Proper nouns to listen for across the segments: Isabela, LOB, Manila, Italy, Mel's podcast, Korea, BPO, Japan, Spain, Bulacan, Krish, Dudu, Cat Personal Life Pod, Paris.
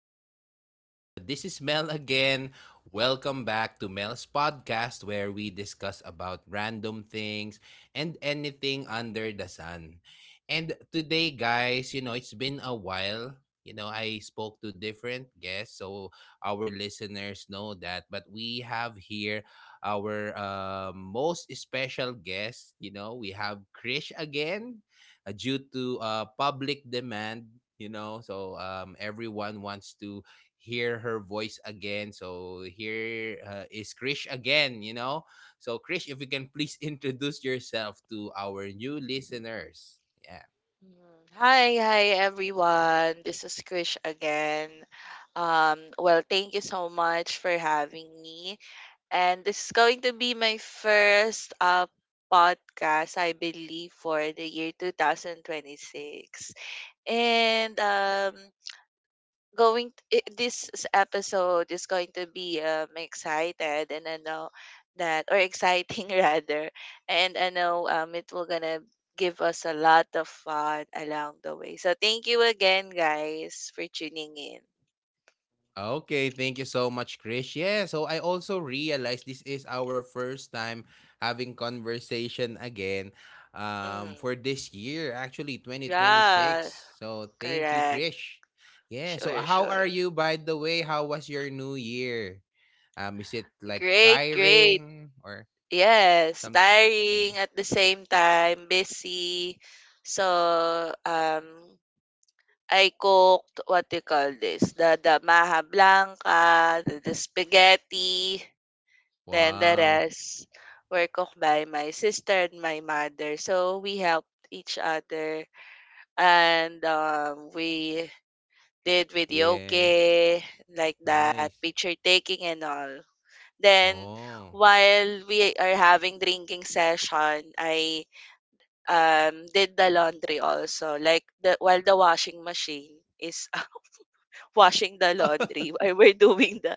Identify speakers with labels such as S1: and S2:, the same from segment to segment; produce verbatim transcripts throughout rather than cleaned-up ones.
S1: What's up? And uh, This is Mel again. Welcome back to Mel's podcast, where we discuss about random things and anything under the sun. And today, guys, you know it's been a while. You know, I spoke to different guests, so our listeners know that. But we have here our uh, most special guest. You know, we have Krish again uh, due to uh, public demand you know so um, everyone wants to hear her voice again, so here uh, is Krish again, you know so krish if you can please introduce yourself to our new listeners. Yeah.
S2: Mm. Hi, hi everyone. This is Krish again. Um, well, thank you so much for having me. And this is going to be my first uh podcast, I believe, for the year two thousand twenty-six. And um going t- I- this s- episode is going to be um excited, and I know that, or exciting rather, and I know um it will gonna give us a lot of fun along the way. So thank you again guys for tuning in.
S1: Okay, thank you so much, Krish. Yeah, so I also realized this is our first time having conversation again, um, for
S2: Mm,
S1: this year, actually twenty twenty-six.
S2: yeah,
S1: So thank you,
S2: correct.
S1: Krish. Yeah, so
S2: Sure,
S1: how
S2: sure.
S1: are you, by the way? How was your new year? Um, is it like
S2: Great, great.
S1: tiring or
S2: Yes,
S1: some? Mm.
S2: tiring at the same time, busy. So um I cooked, what do you call this, the the maha blanca, the the spaghetti, then the
S1: Wow.
S2: rest were cooked by my sister and my mother. So we helped each other, and um, we did
S1: Yeah,
S2: videoke, like that,
S1: nice.
S2: picture taking and all. Then
S1: Oh,
S2: while we are having drinking session, I um did the laundry also. Like the, while the washing machine is washing the laundry while we're doing the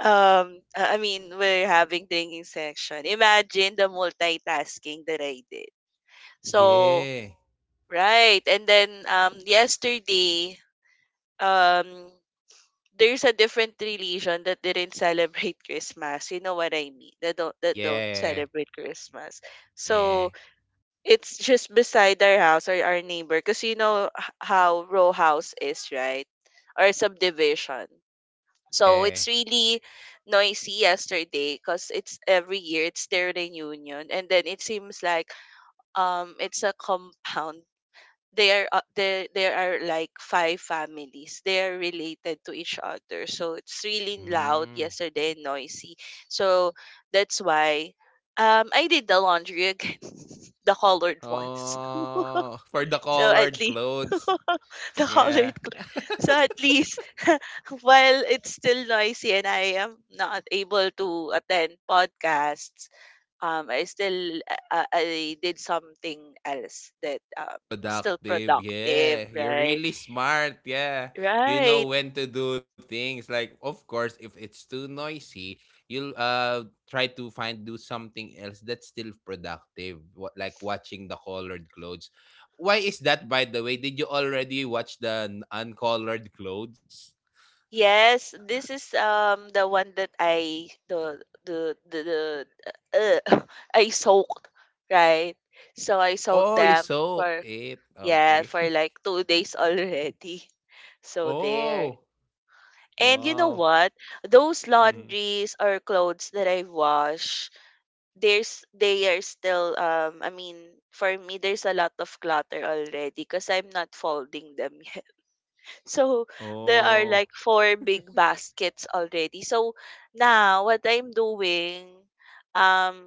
S2: um uh, I mean, we're having drinking section. Imagine the multitasking that I did. So
S1: yeah,
S2: right, and then um yesterday um there's a different religion that didn't celebrate Christmas. You know what I mean? That don't that don't
S1: yeah,
S2: celebrate Christmas.
S1: yeah,
S2: So it's just beside our house or our neighbor, because you know, h- how row house is, right? Or subdivision. So
S1: yeah.
S2: it's really noisy yesterday, because it's every year it's their reunion, and then it seems like um it's a compound. There are uh, there there are like five families. They are related to each other, so it's really loud
S1: Mm.
S2: yesterday and noisy. So that's why um I did the laundry again, the colored ones.
S1: Oh, for the
S2: So at
S1: colored
S2: least,
S1: clothes.
S2: the colored
S1: Yeah.
S2: gla- so at least while it's still noisy and I am not able to attend podcasts, um, I still uh, uh, I did something else that um still
S1: Productive.
S2: productive,
S1: Yeah. You're
S2: right?
S1: really smart. Yeah. You
S2: Right.
S1: know when to do things. Like, of course, if it's too noisy, you'll uh try to find do something else that's still productive. What, like watching the colored clothes. Why is that, by the way? Did you already watch the n- uncolored clothes?
S2: Yes, this is um the one that I, the the the, the uh, I soaked, right? So I soaked
S1: Oh, you
S2: them
S1: soaked
S2: for,
S1: it.
S2: yeah,
S1: Okay.
S2: for like two days already. So there.
S1: Oh.
S2: And you know
S1: Wow.
S2: what? Those
S1: Mm.
S2: laundries or clothes that I wash, there's, they are still, um I mean, for me there's a lot of clutter already because I'm not folding them yet. So there are
S1: Oh.
S2: like four big baskets already. So now what I'm doing, um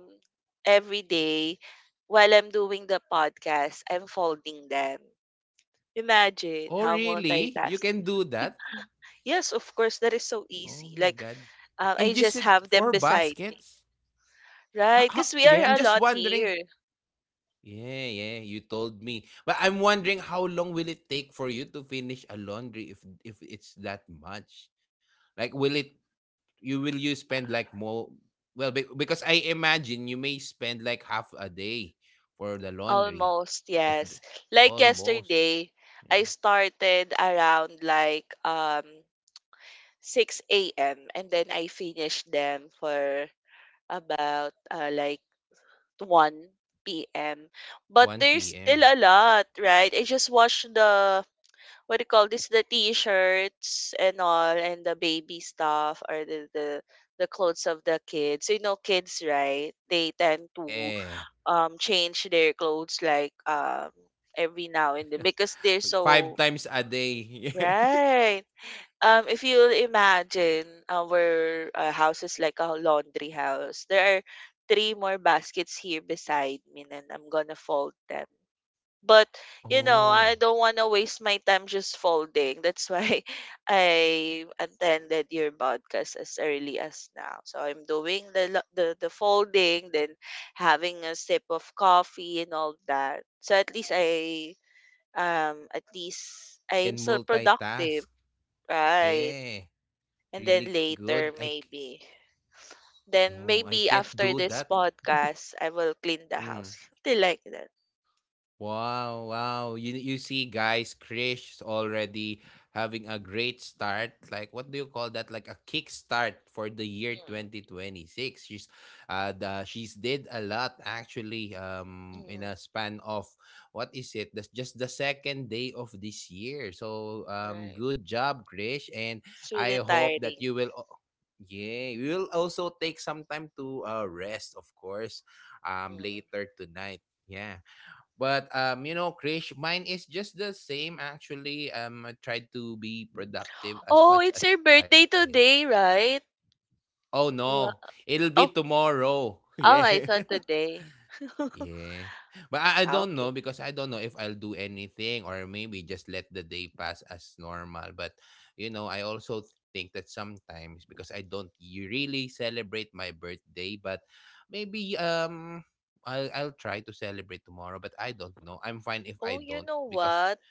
S2: every day while I'm doing the podcast, I'm folding them. Imagine
S1: Oh,
S2: how
S1: really? You
S2: multitask.
S1: can do that?
S2: Yes, of course, that is so
S1: Oh my
S2: easy. Like,
S1: God. And
S2: um,
S1: you
S2: I
S1: said
S2: just have
S1: four
S2: them beside
S1: baskets?
S2: me,
S1: Ha-
S2: right?
S1: ha-
S2: Because we
S1: yeah,
S2: are
S1: I'm
S2: a
S1: just
S2: lot
S1: wondering.
S2: here.
S1: Yeah, yeah, you told me. But I'm wondering how long will it take for you to finish a laundry if if it's that much? Like will it You will you spend like more well be, because I imagine you may spend like half a day for the laundry
S2: Almost,
S1: if the,
S2: yes. Like
S1: almost,
S2: yesterday, I
S1: yeah,
S2: started around like um six a m and then I finished them for about uh, like one p m. But
S1: 1
S2: there's still
S1: p.m.
S2: a lot, right? I just watched the, what do you call this, the t-shirts and all, and the baby stuff, or the the, the clothes of the kids. So, you know, kids, right, they tend to
S1: Yeah.
S2: um change their clothes like um every now and then, because they're
S1: Five
S2: so
S1: times a day.
S2: right. um if you imagine, our uh, house is like a laundry house. There are three more baskets here beside me and I'm gonna fold them, but, you know, I
S1: Oh.
S2: don't want to waste my time just folding. That's why I attended your podcast as early as now. So I'm doing the lo- the, the folding, then having a sip of coffee and all that. So at least I um at least
S1: You
S2: I'm
S1: can
S2: still productive,
S1: multitask.
S2: right?
S1: Yeah.
S2: And then
S1: Really good. I,
S2: later
S1: c-
S2: maybe. Then
S1: no, I
S2: maybe
S1: can't do
S2: after
S1: that.
S2: this podcast I will clean the
S1: Mm.
S2: house. Something like that.
S1: Wow, wow. You you see, guys, Krish is already having a great start. Like what do you call that? Like a kickstart for the year
S2: Mm,
S1: twenty twenty-six. She's uh the, she's did a lot actually
S2: mm,
S1: um in
S2: mm.
S1: a span of what is it? That's just the second day of this year. So um
S2: Right.
S1: good job, Krish, and
S2: It's really
S1: I hope that you
S2: tiring.
S1: will al- yeah, we will also take some time to uh rest, of course, um
S2: Mm.
S1: later tonight. Yeah. But um, you know, Krish, mine is just the same actually. Um, I try to be productive as
S2: Oh,
S1: much
S2: it's
S1: as
S2: your
S1: I
S2: birthday
S1: can.
S2: today, right?
S1: Oh no,
S2: Wa-
S1: it'll be
S2: oh,
S1: tomorrow.
S2: oh, I
S1: Yeah,
S2: thought today.
S1: yeah. But I, I
S2: Ah,
S1: don't know
S2: okay.
S1: because I don't know if I'll do anything or maybe just let the day pass as normal. But you know, I also think that sometimes because I don't y- really celebrate my birthday, but maybe um I'll I'll try to celebrate tomorrow, but I don't know. I'm fine if
S2: Oh,
S1: I
S2: you
S1: don't
S2: know
S1: because
S2: what?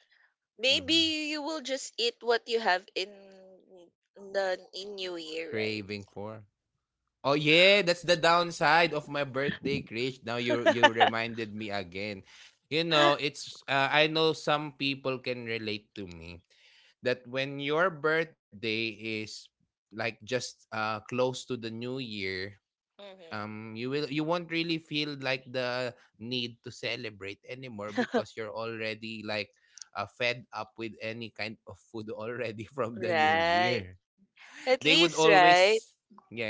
S1: mhm.
S2: Maybe you will just eat what you have in the, in New Year, right?
S1: Craving for? Oh yeah, that's the downside of my birthday, Krish. Now you you reminded me again. You know, it's uh, I know some people can relate to me that when your birthday is like just uh close to the new year,
S2: Mhm.
S1: um you will you won't really feel like the need to celebrate anymore because you're already like uh, fed up with any kind of food already from the new
S2: Right.
S1: year.
S2: At
S1: They would
S2: least, right?
S1: always yeah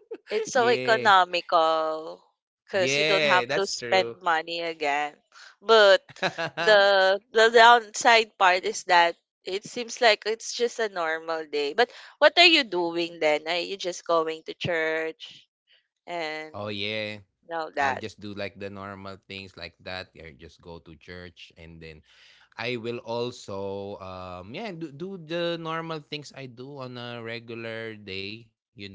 S2: It's so
S1: yeah
S2: economical because you don't
S1: yeah
S2: have
S1: that's
S2: to
S1: true
S2: spend money again. But the the downside part is that it seems like it's just a normal day. But what are you doing then? Are you just going to church and
S1: oh yeah,
S2: all
S1: I'll
S2: that?
S1: just do like the normal things. Like that, I just go to church, and then I will also um yeah do, do the normal things I do on a regular day, you know.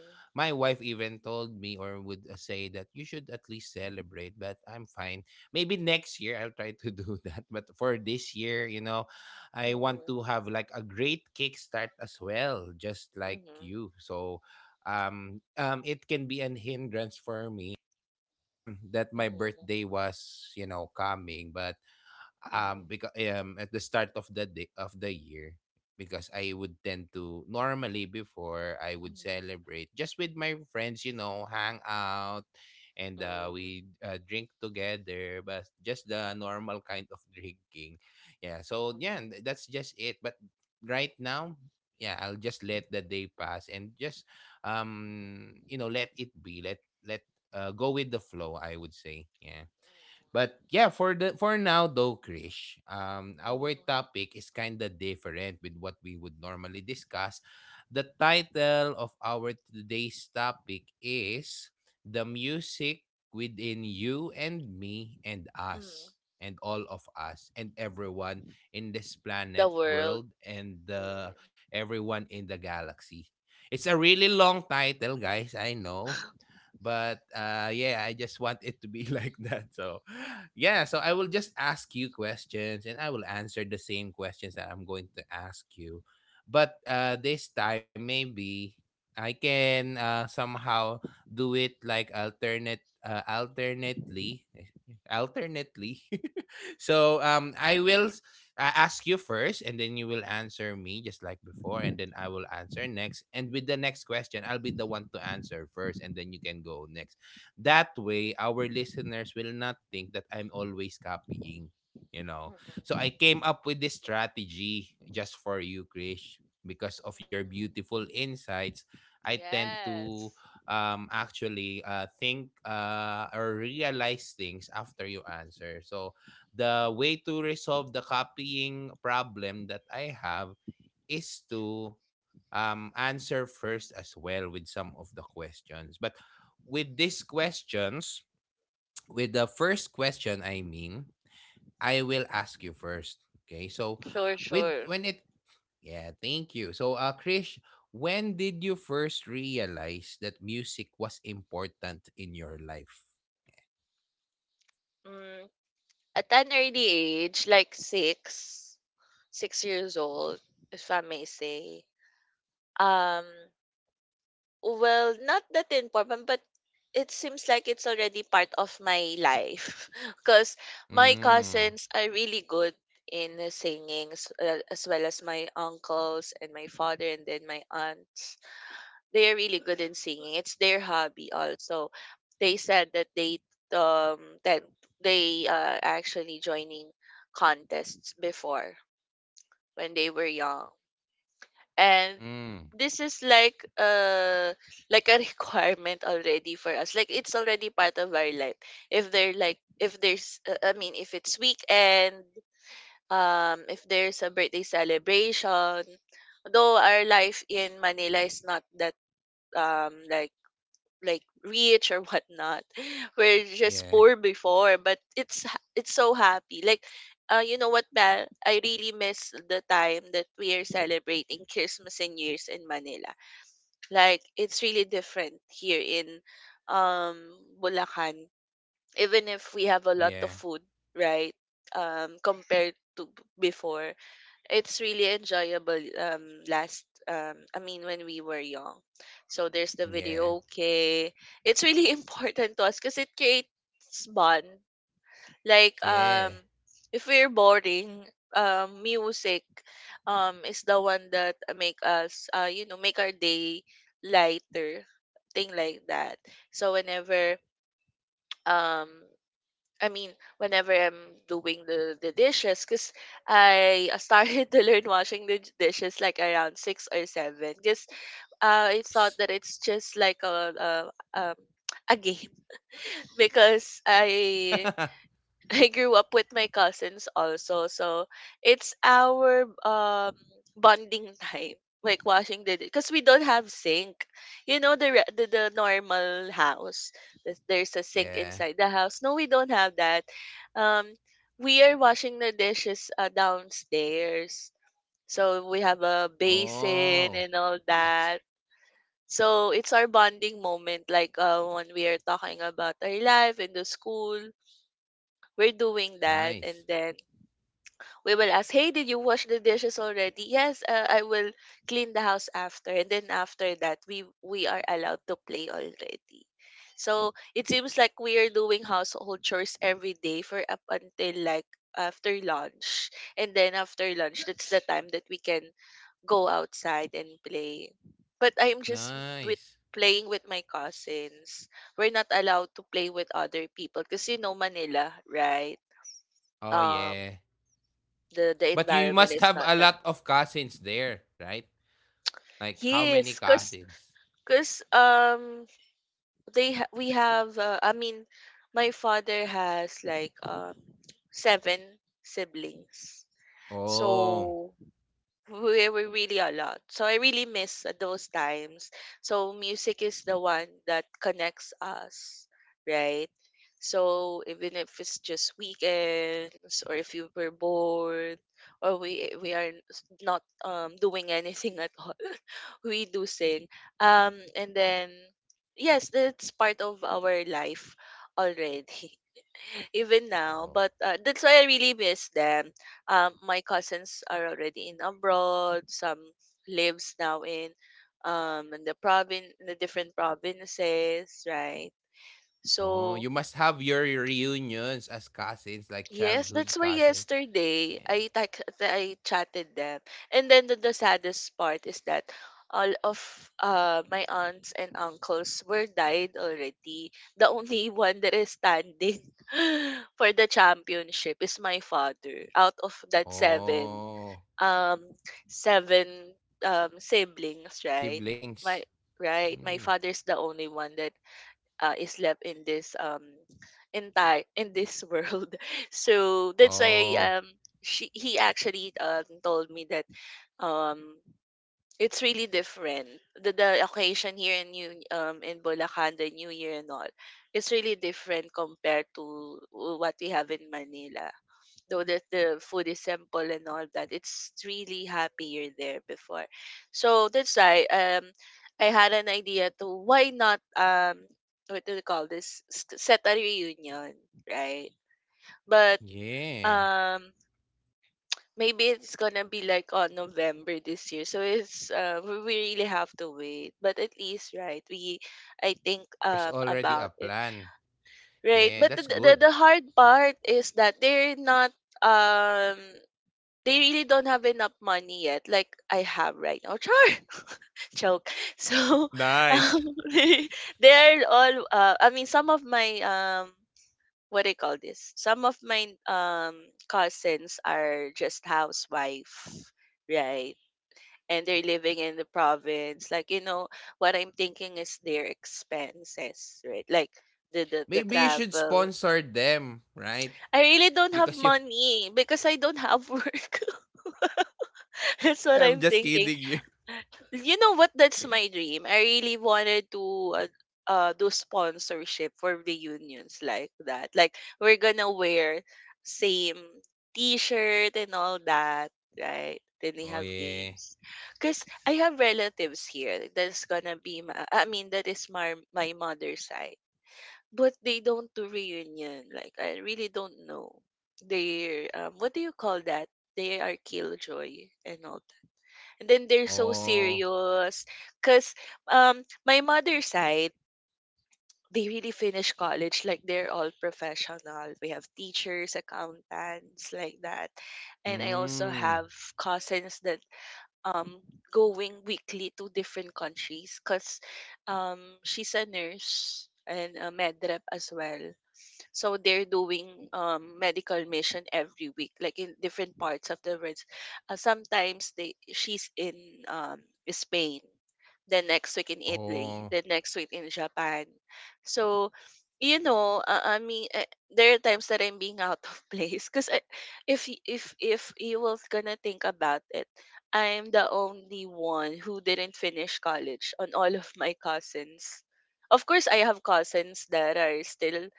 S1: My wife even told me or would uh, say that you should at least celebrate, but I'm fine. Maybe next year I'll try to do that. But for this year, you know, I want
S2: mhm,
S1: to have like a great kickstart as well, just like
S2: mhm,
S1: you. So um um it can be an hindrance for me that my
S2: mhm,
S1: birthday was, you know, coming, but
S2: mhm,
S1: um
S2: mhm,
S1: because um at the start of the day of the year because I would tend to normally before I would
S2: mhm,
S1: celebrate just with my friends, you know, hang out and uh,
S2: mhm,
S1: we uh, drink together, but just the normal kind of drinking. Yeah, so yeah, and
S2: mhm,
S1: that's just it. But right now, yeah, I'll just let the day pass and just um you know let it be. Let let uh, go with the flow, I would say, yeah. But yeah, for the for now though, Krish, um, our topic is kind of different with what we would normally discuss. The title of our today's topic is "The Music Within You and Me and
S2: mhm.
S1: Us and all of us and everyone in this
S2: The
S1: planet
S2: world.
S1: world and
S2: Mhm,
S1: uh, everyone in the galaxy." It's a really long title, guys, I know. But uh, yeah, I just want it to be like that. So yeah, so I will just ask you questions and I will answer the same questions that I'm going to ask you. But uh, this time, maybe I can uh, somehow do it like alternate, uh, alternately, alternately. So um, I will I ask you first, and then you will answer me just like before, and then I will answer next. And with the next question, I'll be the one to answer first, and then you can go next. That way, our listeners will not think that I'm always copying, you know. So
S2: mhm,
S1: I came up with this strategy just for you, Krish, because of your
S2: mhm.
S1: beautiful insights. I tend to
S2: Yes.
S1: um actually uh think uh or realize things after you answer. So the way to resolve the copying problem that I have is to um, answer first as well with some of the questions. But with these questions, with the first question, I mean, I will ask you first. Okay. So,
S2: Sure,
S1: with
S2: sure.
S1: when it, yeah, thank you. So, uh, Krish, when did you first realize that music was important in your life?
S2: Mm, at an early age, like six, six years old, if I may say. Um, well, not that important, but it seems like it's already part of my life because my
S1: Mm,
S2: cousins are really good in singing, s- uh, as well as my uncles and my father and then my aunt. They are really good in singing. It's their hobby also. They said that they um that they uh actually joining contests before, when they were young. And
S1: mm,
S2: this is like uh like a requirement already for us. Like it's already part of our life. If they're like, if there's uh, I mean, if it's weekend, um if there's a birthday celebration, though our life in Manila is not that um like like rich or whatnot. We're just
S1: yeah,
S2: poor before, but it's ha- it's so happy. Like, uh, you know what, Bal? I really miss the time that we are celebrating Christmas and New Year's in Manila. Like, it's really different here in um Bulacan. Even if we have a lot of
S1: yeah,
S2: food, right? Um, compared to b- before, it's really enjoyable um last um I mean when we were young. So there's the
S1: yeah.
S2: video okay. It's really important to us because it creates bond. Like um
S1: Yeah.
S2: if we're boring, um music um is the one that make us, uh you know, make our day lighter. Thing like that. So whenever, um I mean, whenever I'm doing the, the dishes, because I started to learn washing the dishes like around six or seven, because uh, I thought
S1: Nice.
S2: that it's just like a, a, um, a game because I I grew up with my cousins also, so it's our um bonding time, like washing the, because we don't have sink. You know the, re- the, the normal house, there's there's a sink
S1: Yeah.
S2: inside the house. No, we don't have that. Um, we are washing the dishes uh, downstairs, so we have a
S1: Oh,
S2: basin and all that. So it's our bonding moment, like, uh, when we are talking about our life in the school, we're doing that,
S1: nice.
S2: and then we will ask, "Hey, did you wash the dishes already?" "Yes, uh, I will clean the house after." And then after that, we we are allowed to play already. So it seems like we are doing household chores every day for up until like after lunch, and then after lunch, that's the time that we can go outside and play. But I'm just with
S1: Nice.
S2: playing with my cousins. We're not allowed to play with other people, because you know Manila, right?
S1: Oh,
S2: Um,
S1: yeah.
S2: the the
S1: But you
S2: environment
S1: must
S2: is
S1: have
S2: not
S1: a
S2: that.
S1: lot of cousins there, right? Like, how many
S2: Yes, cause
S1: cousins?
S2: cause um they ha- we have, uh, I mean, my father has like um seven siblings.
S1: Oh.
S2: So we were really a lot. So I really miss those times. So music is the one that connects us, right? So even if it's just weekends, or if you were bored, or we we are s- not um doing anything at all, we do sing. Um and then yes, that's part of our life already, even now.
S1: Oh.
S2: But uh, that's why I really miss them. Um, my cousins are already in abroad. Some lives now in um in the province, in the different provinces, right?
S1: Oh,
S2: So
S1: you must have your reunions as cousins, like
S2: yes,
S1: childhood
S2: that's why
S1: cousin.
S2: yesterday
S1: Yeah.
S2: I text, I chatted them, and then the, the saddest part is that all of uh my aunts and uncles were died already. The only one that is standing for the championship is my father, out of that seven
S1: Oh,
S2: um, seven um, siblings, right?
S1: siblings.
S2: My right,
S1: Mm.
S2: my father's the only one that uh, is left in this um entire in this world. So that's why
S1: Oh,
S2: um she he actually um told me that um it's really different, the the occasion here in New um in Bulacan, the New Year and all. It's really different compared to, uh, what we have in Manila, though that the food is simple and all that, it's really happier there before. So that's why um I had an idea to why not, um what do they call this, s- set a reunion, right? But
S1: yeah.
S2: um maybe it's gonna be like on November this year, so it's, uh we we really have to wait, but at least, right, we I think
S1: There's
S2: um
S1: already a
S2: about it,
S1: plan.
S2: right?
S1: Yeah,
S2: But
S1: that's
S2: the, the
S1: good.
S2: the hard part is that they're not um they really don't have enough money yet, like I have right now. Char! Joke. So,
S1: Nice.
S2: um, they're all, uh, I mean, some of my, um, what do you call this? Some of my, um, cousins are just housewife, right? And they're living in the province. Like, you know, what I'm thinking is their expenses, right? Like, the, the, the
S1: Maybe you should
S2: travel.
S1: sponsor them, right?
S2: I really don't have
S1: Because you
S2: money because I don't have work. That's what I'm
S1: I'm just
S2: thinking.
S1: kidding you.
S2: You know what? That's my dream. I really wanted to uh, uh do sponsorship for reunions like that. Like we're gonna wear same T-shirt and all that, right? Then we
S1: Oh
S2: have
S1: yeah.
S2: games. Cause I have relatives here that's gonna be my. I mean that is my my mother's side, but they don't do reunion. Like I really don't know. They're um, what do you call that? They are killjoy and all and then they're so
S1: Oh.
S2: serious. Because um, my mother's side, they really finish college like they're all professional. We have teachers, accountants, like that. And I also
S1: Mm.
S2: have cousins that um going weekly to different countries because um she's a nurse and a med rep as well. So they're doing um, medical mission every week, like in different parts of the world. Uh, sometimes they she's in um, Spain, the next week in Italy,
S1: Oh.
S2: the next week in Japan. So you know, uh, I mean, uh, there are times that I'm being out of place because if y- if if you will gonna think about it, I'm the only one who didn't finish college on all of my cousins. Of course, I have cousins that are still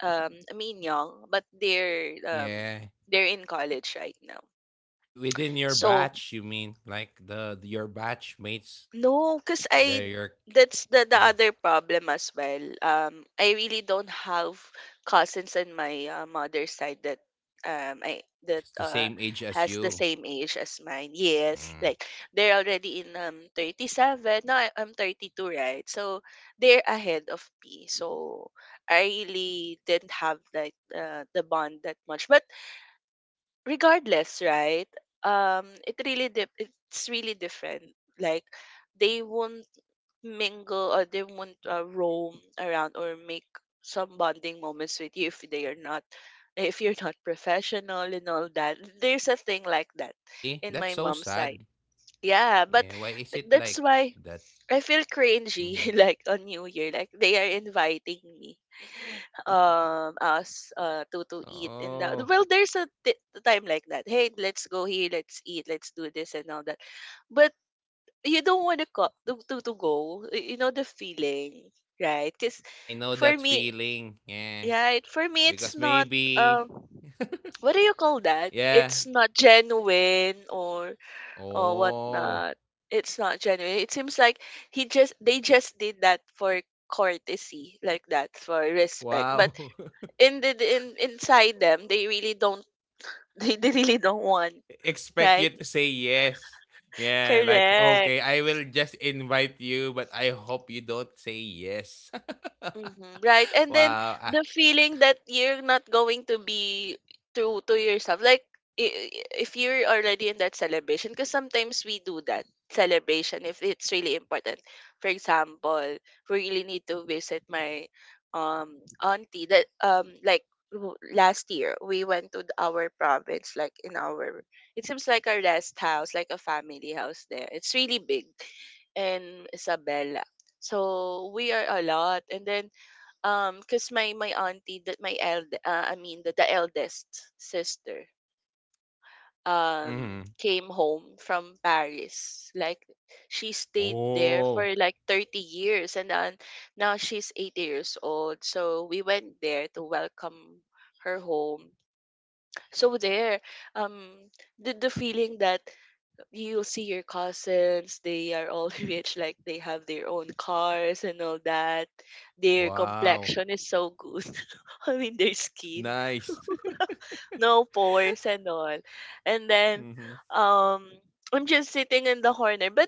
S2: um I mean young, but they're um
S1: Yeah.
S2: they're in college right now.
S1: You, within your
S2: So
S1: batch, you mean like the your batch mates,
S2: no, cause
S1: they're your
S2: I that's
S1: mm,
S2: the the other problem as well. Um, I really don't have cousins in my uh, mother's side that um I
S1: it's
S2: that
S1: the
S2: uh
S1: same age as
S2: has the
S1: you.
S2: same age as mine. Yes,
S1: Mm.
S2: like they're already in um thirty-seven. No, I, I'm thirty-two, right? So they're ahead of me. So I really didn't have like uh, the bond that much. But regardless, right? Um, it really dip it's really different. Like they won't mingle or they won't uh, roam around or make some bonding moments with you if they are not if you're not professional and all that. There's a thing like that
S1: Really?
S2: in
S1: That's
S2: my
S1: so
S2: mom's side.
S1: sad.
S2: Yeah, but
S1: Yeah. Why is
S2: th-
S1: it
S2: that's
S1: like that?
S2: why I feel
S1: Mhm.
S2: cringy like on New Year, like they are inviting me, um, us uh to to eat
S1: Oh,
S2: and that. Well, there's a t- time like that. Hey, let's go here, let's eat, let's do this and all that. But you don't want to co- to, to to go. y- You know the feeling, right?
S1: I
S2: Because
S1: know that
S2: for me,
S1: feeling. Yeah.
S2: right, for me
S1: Because
S2: it's not
S1: maybe,
S2: um, what do you call that?
S1: yeah,
S2: It's not genuine or or
S1: oh,
S2: whatnot. It's not genuine. It seems like he just they just did that for courtesy, like that for respect. But
S1: wow.
S2: in the in inside them, they really don't they, they really don't want,
S1: Expect you
S2: right?
S1: to say yes. Yeah, like, okay,
S2: Correct.
S1: I will just invite you, but I hope you don't say yes.
S2: Mhm, right. And then
S1: Wow. Ah,
S2: the feeling that you're not going to be true to yourself. Like i- i- if you're already in that celebration, because sometimes we do that celebration if it's really important. For example, we really need to visit my um auntie that um like w- last year we went to th- our province like in our it seems like a rest house like a family house there, it's really big in Isabela, so we are a lot and then um, cause my my auntie that my eld uh, I mean the, the eldest sister um
S1: mhm.
S2: came home from Paris. Like she stayed there
S1: Oh,
S2: for like thirty years and then now she's eighty years old. So we went there to welcome her home. So there um the, the feeling that you'll see your cousins, they are all rich, like they have their own cars and all that, their
S1: wow.
S2: complexion is so good. I mean their skin,
S1: Nice.
S2: no pores and all. And then
S1: Mhm.
S2: um I'm just sitting in the corner, but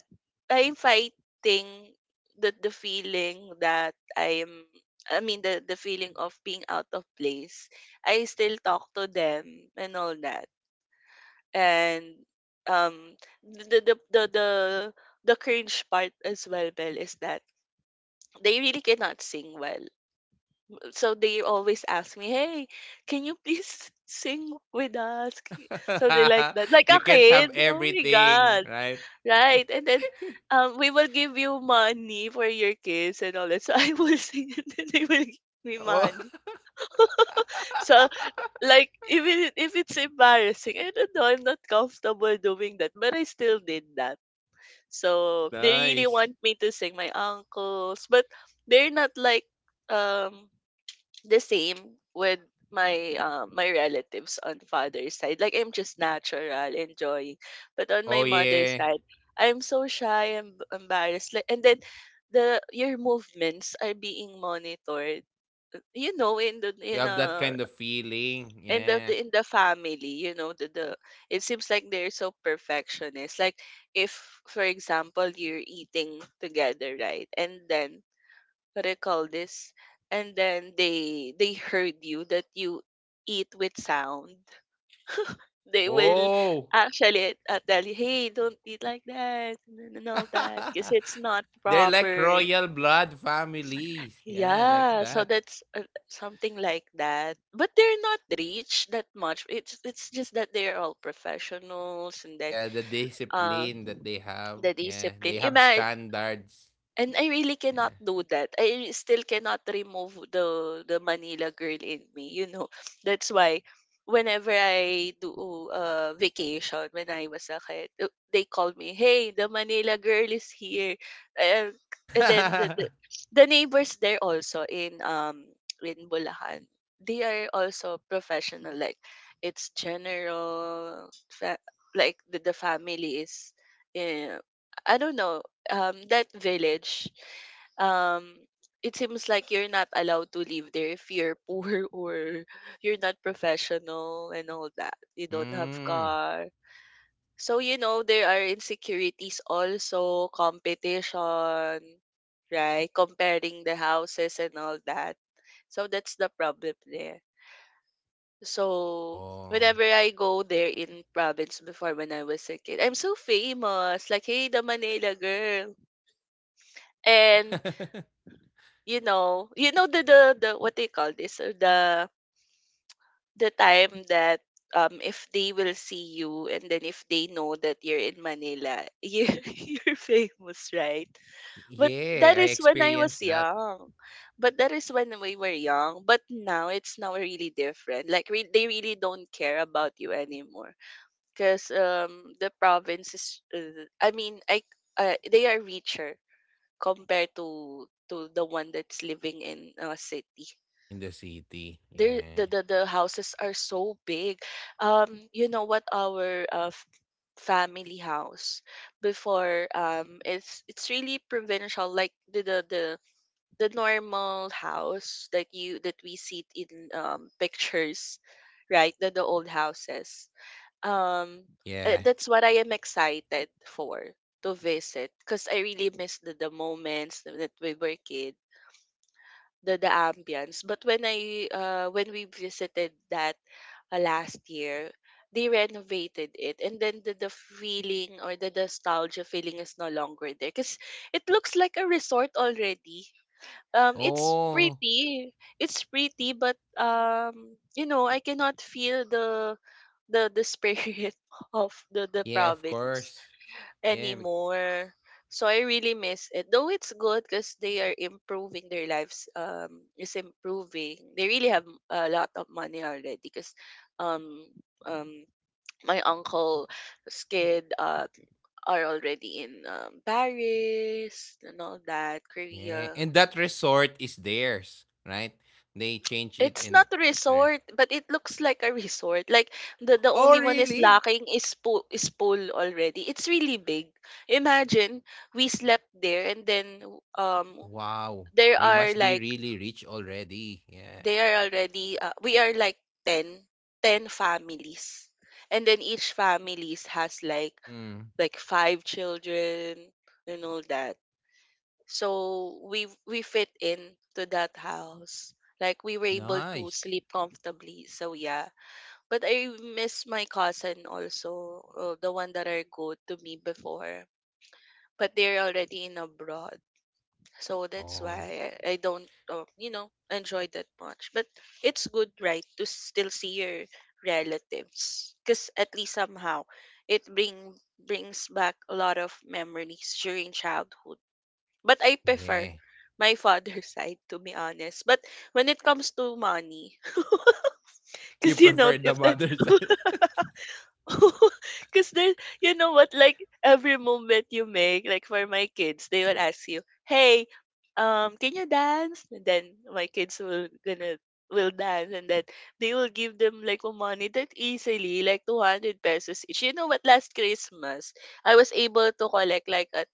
S2: I'm fighting the the feeling that I'm I mean the the feeling of being out of place. I still talk to them and all that. And, um, the the the the the cringe part as well, Belle, is that they really cannot sing well. So they always ask me, "Hey, can you please sing with us?" K- Something like that, like
S1: You
S2: a
S1: can't have
S2: kid. Oh my
S1: everything,
S2: god,
S1: right?
S2: right? And then, um, we will give you money for your kids and all that. So I will sing, and then they will give me
S1: Oh,
S2: money. So like even if it- if it's embarrassing, I don't know, I'm not comfortable doing that, but I still did that. So they really
S1: nice.
S2: want me to sing, my uncles, but they're not like um the same with my uh, my relatives on father's side. Like I'm just natural, enjoying. But on
S1: Oh,
S2: my mother's
S1: yeah.
S2: side, I'm so shy and embarrassed. Like, and then the your movements are being monitored. You know, in the
S1: You
S2: in
S1: have that
S2: a
S1: kind of feeling.
S2: in the
S1: Yeah.
S2: the- in the family, you know, the, the it seems like they're so perfectionist. Like if for example you're eating together, right, and then what do you call this, and then they they heard you that you eat with sound, they will
S1: Oh.
S2: actually uh, tell you, hey, don't eat like that and all that because it's not
S1: They're like
S2: proper.
S1: royal blood families. Yeah, like
S2: Yeah, so
S1: that.
S2: that's uh, something like that. But they're not rich that much. It's it's just that they're all professionals and that
S1: Yeah, the
S2: uh
S1: discipline that they have.
S2: the
S1: Yeah,
S2: discipline.
S1: they have standards.
S2: And I really cannot
S1: Yeah.
S2: do that. I still cannot remove the the Manila girl in me, you know. That's why whenever I do uh, vacation when I was a kid, uh, they called me, "Hey, the Manila girl is here." Uh, and then the, the the neighbors there also in um in Bulacan, they are also professional. Like it's general, fa- like the, the family is, uh, I don't know, um, that village, um, it seems like you're not allowed to live there if you're poor or you're not professional and all that. You don't have
S1: Mm.
S2: car. So, you know, there are insecurities also, competition, right? Comparing the houses and all that. So that's the problem there. So
S1: Oh.
S2: whenever I go there in province before when I was a kid, I'm so famous. Like, hey, the Manila girl. And You know you know the the the what they call this? Uh, The the time that um if they will see you and then if they know that you're in Manila, you you're famous, right? But that
S1: Yeah, I
S2: is when I was
S1: experienced that
S2: young. But that is when we were young. But now it's now really different. Like re- they really don't care about you anymore because um the province is uh, I mean I uh, they are richer compared to to the one that's living in a city.
S1: in the city.
S2: There, the,
S1: Yeah.
S2: the the houses are so big. Um, you know what? Our uh, f- family house before um it's it's really provincial, like the, the the the normal house that you that we see in um pictures, right, the, the old houses. um uh,
S1: Yeah.
S2: that's what I am excited for, to visit, because I really miss the, the moments that we were kid, the the ambience. But when I uh when we visited that uh, last year, they renovated it and then the, the feeling or the nostalgia feeling is no longer there because it looks like a resort already. Um, it's
S1: Oh,
S2: pretty, it's pretty, but um, you know, I cannot feel the the the spirit of the the
S1: yeah, of
S2: province
S1: course. Yeah. bec-
S2: anymore. So I really miss it. Though it's good because they are improving their lives. Um, is improving. They really have a lot of money already. Because, um, um, my uncle's kid uh are already in um, Paris and all that,
S1: Yeah.
S2: Korea.
S1: And that resort is theirs, right? They change it
S2: It's
S1: and
S2: not a
S1: re-
S2: resort, but it looks like a resort. Like the the
S1: Oh,
S2: only one is
S1: really?
S2: lacking is pool is pool already. It's really big. Imagine we
S1: Wow,
S2: slept
S1: they
S2: there
S1: must
S2: and
S1: be
S2: then
S1: really rich
S2: um
S1: already.
S2: there
S1: Yeah.
S2: are like they are already uh, we are like ten ten families. And then each families has like
S1: Mm,
S2: like five children and all that. So we we fit in to that house. Like we were able to
S1: nice.
S2: sleep comfortably. So yeah, but I miss my cousin also, uh, the one that I go to meet before. But they're already in abroad, so that's
S1: Oh,
S2: why I, I don't, uh, you know, enjoy that much. But it's good, right, to still see your relatives, because at least somehow it bring brings back a lot of memories during childhood. But I prefer
S1: yeah.
S2: my father's side, to be honest. But when it comes to money,
S1: You
S2: because you know,
S1: prefer the
S2: if the
S1: mother's
S2: because there's, you know what, like every movement you make, like for my kids, they will ask you, "Hey, um, can you dance?" And then my kids will gonna will dance, and then they will give them like a money that easily, like two hundred pesos each. You know what? Last Christmas, I was able to collect like a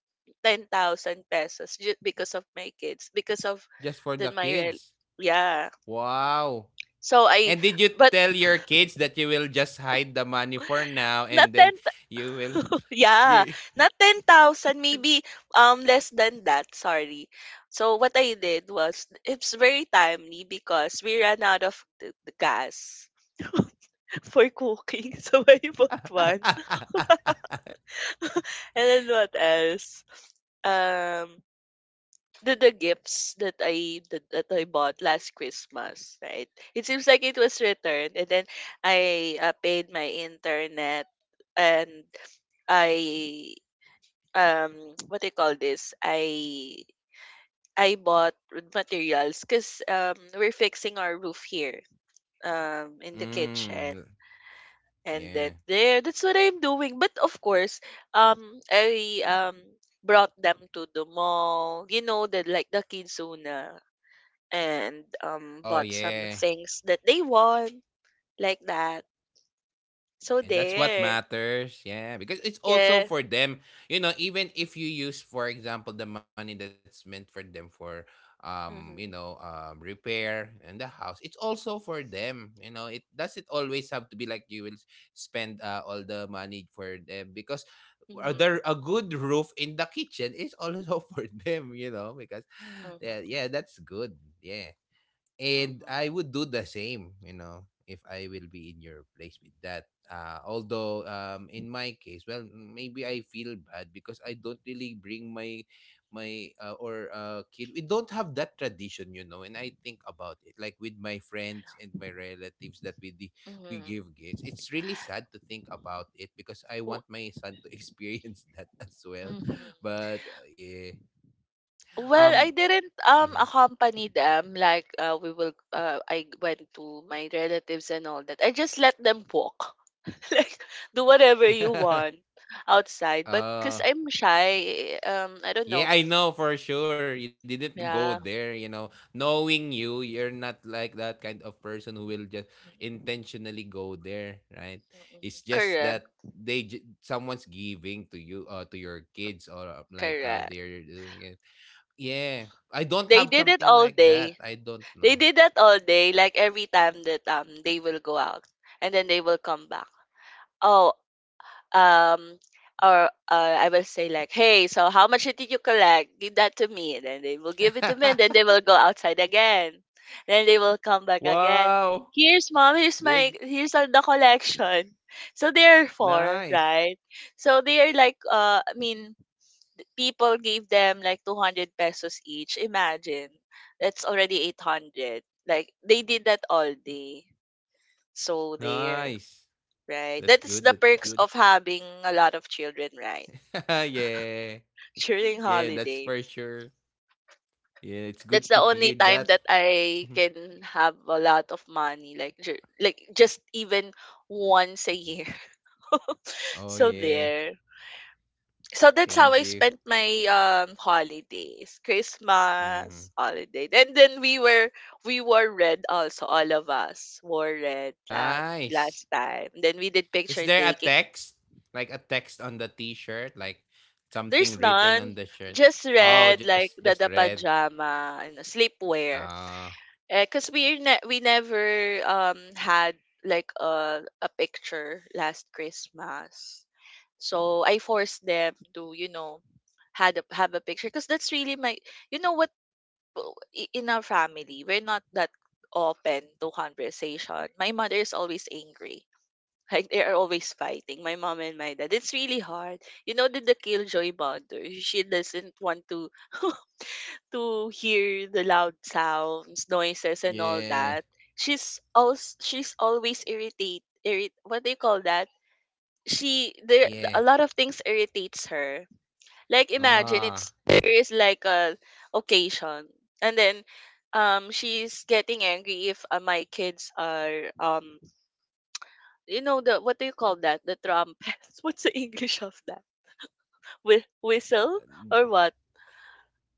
S2: ten thousand pesos just because of my kids, because of
S1: just for
S2: the
S1: the
S2: my rel-
S1: kids.
S2: yeah.
S1: Wow.
S2: So I,
S1: And did you
S2: but
S1: tell your kids that you will just hide the money for now
S2: not
S1: and then
S2: ten.
S1: you will
S2: Yeah,
S1: you
S2: not ten thousand, maybe um less than that, sorry. So what I did was it's very timely because we ran out of the, the gas for cooking. So I bought one. And then what else? Um the, the gifts that I that, that I bought last Christmas, right? It seems like it was returned, and then I uh, paid my internet. And I, um what do you call this? I i bought wood materials because um we're fixing our roof here, um in the kitchen.
S1: mm,
S2: And then
S1: yeah.
S2: there, that's what I'm doing. But of course, um i um brought them to the mall, you know, the like the kidzuna, and um
S1: Oh
S2: bought some
S1: yeah.
S2: things that they want, like that. So
S1: Yeah, that's what
S2: there.
S1: matters. Yeah, because it's
S2: Yeah.
S1: also for them. You know, even if you use, for example, the money that's meant for them for, um, you know,
S2: Mm-hmm,
S1: um, repair and the house, it's also for them. You know, it doesn't always have to be like you will s- spend uh, all the money for them because
S2: mm-hmm,
S1: other a good roof in the kitchen is also for them. You know, because yeah,
S2: mm-hmm,
S1: yeah, that's good. Yeah, and I
S2: mm-hmm,
S1: would do the same, you know, if I will be in your place with that. Uh, although um, in my case, well, maybe I feel bad because I don't really bring my my uh, or uh, kid. We don't have that tradition, you know. And I think about it, like with my friends and my relatives that we di- we give gifts. It's really sad to think about it because I want
S2: mm-hmm.
S1: my son to experience that as well.
S2: Mm-hmm.
S1: But uh, yeah,
S2: Well, I
S1: um,
S2: didn't, um,
S1: mhm.
S2: accompany them, like, uh, we will uh, I went to my relatives and all that. I just let them walk. Like, do whatever you want outside. But because 'cause
S1: Yeah.
S2: I'm shy, um, I don't know.
S1: Yeah, I know for sure you didn't go
S2: Yeah.
S1: there, you know. Knowing you, you're not like that kind of person who will just intentionally go there, right?
S2: Mm-mm.
S1: It's just
S2: Correct.
S1: that they j- someone's giving to you uh to your kids or uh, like uh
S2: Correct.
S1: they're doing it. Yeah. I don't
S2: They
S1: have
S2: did it
S1: something
S2: all
S1: like
S2: day.
S1: that. I don't
S2: They
S1: know.
S2: did that all day, like every time that um they will go out, and then they will come back. Oh, um or uh, I will say like, "Hey, so how much did you collect? Give that to me." And then they will give it to me, and then they will go outside again. Then they will come back again.
S1: Wow.
S2: Here's mom. Here's
S1: There g-
S2: my. Here's all the collection. So therefore,
S1: Nice.
S2: right? So they are like, uh, I mean, people gave them like two hundred pesos each. Imagine, that's already eight hundred. Like they did that all day. So there.
S1: Nice.
S2: Right.
S1: That's
S2: That is the
S1: good. That's
S2: perks
S1: good.
S2: of having a lot of children, right?
S1: Yeah.
S2: During
S1: Yeah, that's for
S2: holidays.
S1: sure. Yeah, it's
S2: That's
S1: good
S2: the
S1: to
S2: only
S1: hear
S2: time
S1: that.
S2: that I can have a lot of money, like ju- like just, even once a
S1: Mhm.
S2: year.
S1: Oh
S2: So
S1: yeah.
S2: there. So that's how I
S1: Thank you.
S2: spent my um holidays. Christmas
S1: Mhm.
S2: holiday. And then we were we wore red. Also, all of us wore red, um
S1: Nice.
S2: last time. Then we did
S1: Is
S2: picture
S1: there a
S2: taking.
S1: text? Like a text on the t-shirt, like
S2: There's
S1: something written
S2: none.
S1: on the shirt.
S2: Just
S1: Oh,
S2: red,
S1: just
S2: like
S1: just
S2: the, the
S1: red.
S2: pajama and the sleepwear.
S1: Ah,
S2: Because we ne- we never um had like a a picture last Christmas, so I forced them to, you know had a, have a picture, because that's really my, you know what, w- i- in our family we're not that open to conversation. My mother is always angry, like they are always fighting, my mom and my dad. It's really hard. You know, the, the killjoy mother. She doesn't want to to hear the loud sounds, noises, and all
S1: yeah.
S2: that. She's also, she's always irritate. Irrit, what do you call that? She, there
S1: Yeah.
S2: a lot of things irritates her. Like, imagine,
S1: Ah,
S2: it's there is like a occasion, and then um she's getting angry if uh, my kids are, um you know, the, what do you call that? The trumpet. What's the English of that? Whi whistle or what?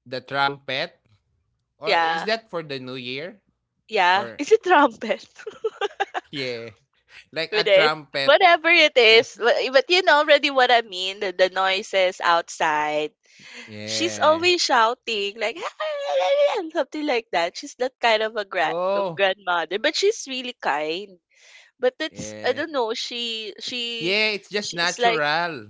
S1: the trumpet, or is
S2: Yeah,
S1: that for the new year?
S2: yeah.
S1: Or
S2: Is it trumpet?
S1: yeah. Like a
S2: It is.
S1: trumpet.
S2: Whatever it
S1: Yeah.
S2: is, but, but you know already what I mean. The, the noises outside. She's
S1: Yeah.
S2: always shouting, like something like that. She's that kind of a gra- a
S1: Oh,
S2: grandmother, but she's really kind. But it's, I
S1: yeah.
S2: don't know. She she
S1: Yeah, it's just
S2: she's like,
S1: natural.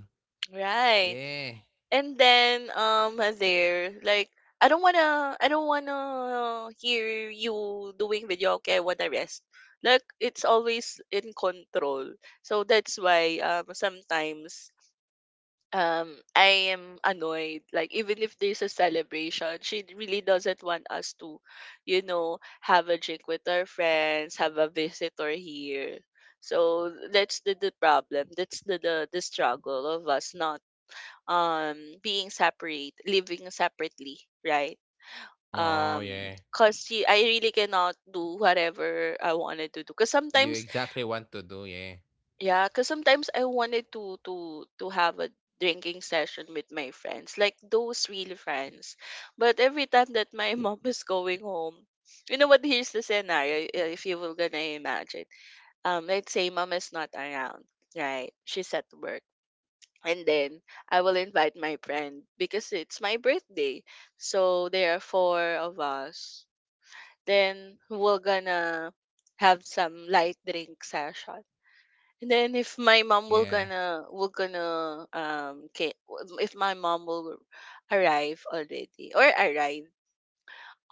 S2: right.
S1: Yeah.
S2: And then, um there, like, "I don't wanna I don't wanna hear you doing video, okay, I wanna rest." Like, it's always in control. So that's why, um sometimes um I am annoyed. Like, even if there's a celebration, she really doesn't want us to, you know, have a drink with our friends, have a visitor here. So that's the, the problem. That's the, the the struggle of us not um being separate living separately, right.
S1: Oh,
S2: um
S1: yeah.
S2: cause she, I really cannot do whatever I wanted to do, because
S1: You
S2: sometimes,
S1: exactly want to do, yeah.
S2: yeah, because sometimes I wanted to to to have a drinking session with my friends, like those real friends. But every time that my mom is going home, you know what, here's the scenario. Uh, if you were gonna imagine, um let's say mom is not around, right, she's at work. And then I will invite my friend because it's my birthday. So there are four of us. Then we're gonna have some light drink session. And then, if my mom will
S1: Yeah.
S2: gonna will gonna um ca- if my mom will arrive already, or arrive,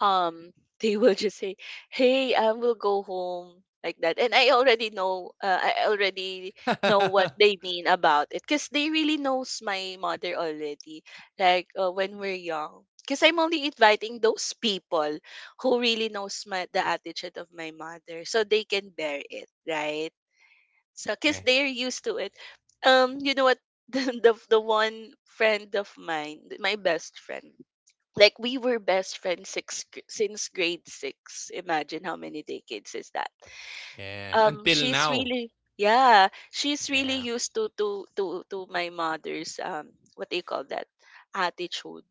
S2: um they will just say, "Hey, I will go home," like that. And i already know uh, i already know what they mean about it, because they really knows my mother already. Like, uh, when we're young, because I'm only inviting those people who really knows my, the attitude of my mother, so they can bear it, right. So because
S1: Yeah.
S2: they're used to it. Um you know what, the, the the one friend of mine, my best friend, like we were best friends six, since grade six. Imagine how many decades is that.
S1: Yeah.
S2: Um,
S1: Until
S2: she's
S1: now.
S2: really yeah, she's really
S1: Yeah.
S2: used to to to to my mother's, um what do you call that, attitude.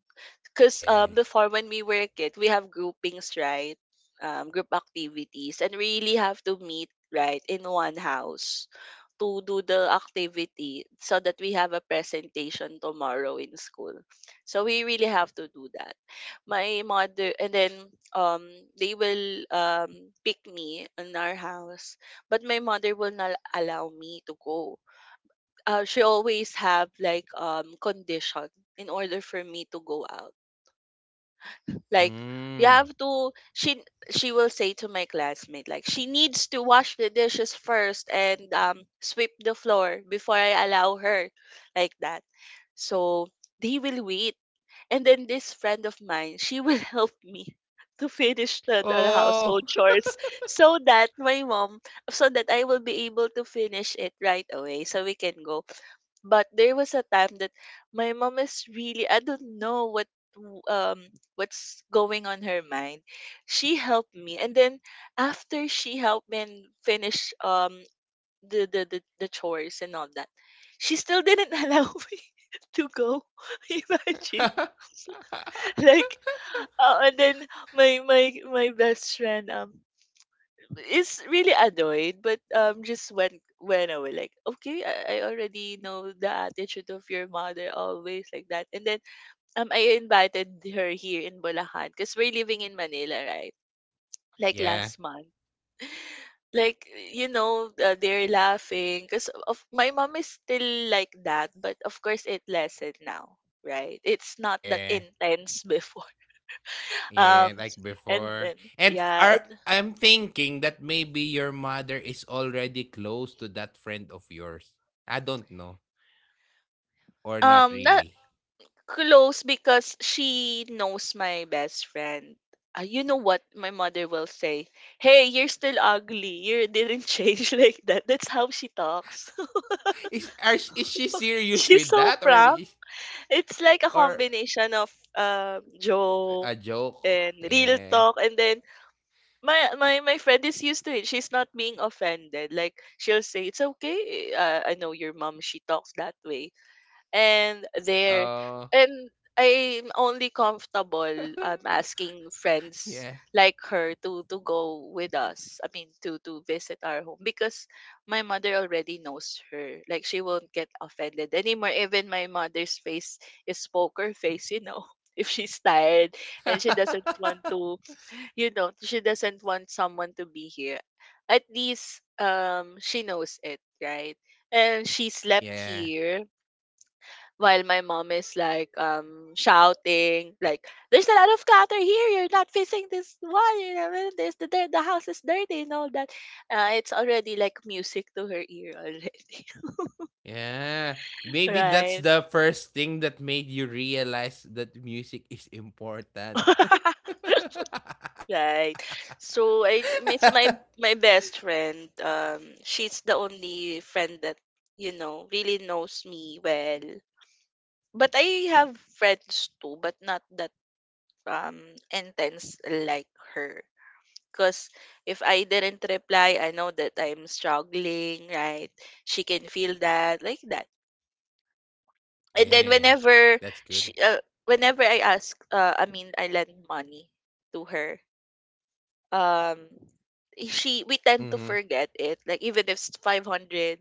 S2: Because,
S1: Yeah.
S2: um, before when we were a kid, we have groupings, right? Um, group activities, and really have to meet right in one house to do the activity so that we have a presentation tomorrow in school. So we really have to do that. My mother, and then um they will um pick me in our house, but my mother will not allow me to go. Uh, she always have like, um condition in order for me to go out. Like,
S1: Mm.
S2: you have to she she will say to my classmate, like, she needs to wash the dishes first and um sweep the floor before I allow her, like that. So they will wait. And then this friend of mine, she will help me to finish the, the household
S1: Oh.
S2: chores, so that my mom so that I will be able to finish it right away so we can go. But there was a time that my mom is really, I don't know what, w- um what's going on her mind. She helped me, and then, after she helped me and finish, um the the the, the chores and all that, she still didn't allow me to go. Imagine, like, uh, and then my my my best friend, um is really annoyed, but, um, just went went away. Like, okay, I, I already know the attitude of your mother, always like that. And then, um, I invited her here in Bulacan because we're living in Manila, right? Like
S1: Yeah.
S2: last month. Like, you know, uh, they're laughing because of my mom is still like that, but of course it lessened now, right? It's not that
S1: Yeah.
S2: intense before. Um,
S1: Yeah, like
S2: and
S1: before.
S2: then
S1: And f-
S2: yeah,
S1: are
S2: and
S1: I'm thinking that maybe your mother is already close to that friend of yours. I don't know, or not
S2: um, na
S1: really.
S2: close because she knows my best friend. Uh, you know what my mother will say? "Hey, you're still ugly. You didn't change," like that. That's how she talks.
S1: Is are, sh- is she serious
S2: She's
S1: with
S2: so
S1: that, or
S2: proud.
S1: is,
S2: It's like a
S1: or
S2: combination of, um,
S1: a
S2: joke
S1: joke.
S2: and real
S1: Yeah.
S2: talk. And then my, my my friend is used to it. She's not being offended. Like, she'll say, "It's okay. Uh, I know your mom. She talks that way." And there,
S1: Oh,
S2: and I'm only comfortable, um, asking
S1: yeah.
S2: friends like her to to go with us. I mean, to to visit our home, because my mother already knows her. Like, she won't get offended anymore. Even my mother's face is poker face, you know. If she's tired and she doesn't want to, you know, she doesn't want someone to be here. At least, um she knows it, right? And she slept
S1: Yeah.
S2: here while my mom is like, um shouting like, "There's a lot of clutter here, you're not facing this one, you know this, the, dirt- the house is dirty," and all that. Uh, it's already like music to her ear already.
S1: Yeah. Maybe that's
S2: Right.
S1: the first thing that made you realize that music is important.
S2: Right. So i d- miss my my best friend. Um she's the only friend that you know really knows me well. But I have friends too, but not that, um intense, like her. Because if I didn't reply, I know that I'm struggling, right? She can feel that, like that. And then,
S1: Yeah.
S2: whenever
S1: That's good.
S2: she, uh, whenever I ask, uh, I mean, I lend money to her, um, she we tend to
S1: Mm-hmm.
S2: forget it. Like, even if it's five hundred,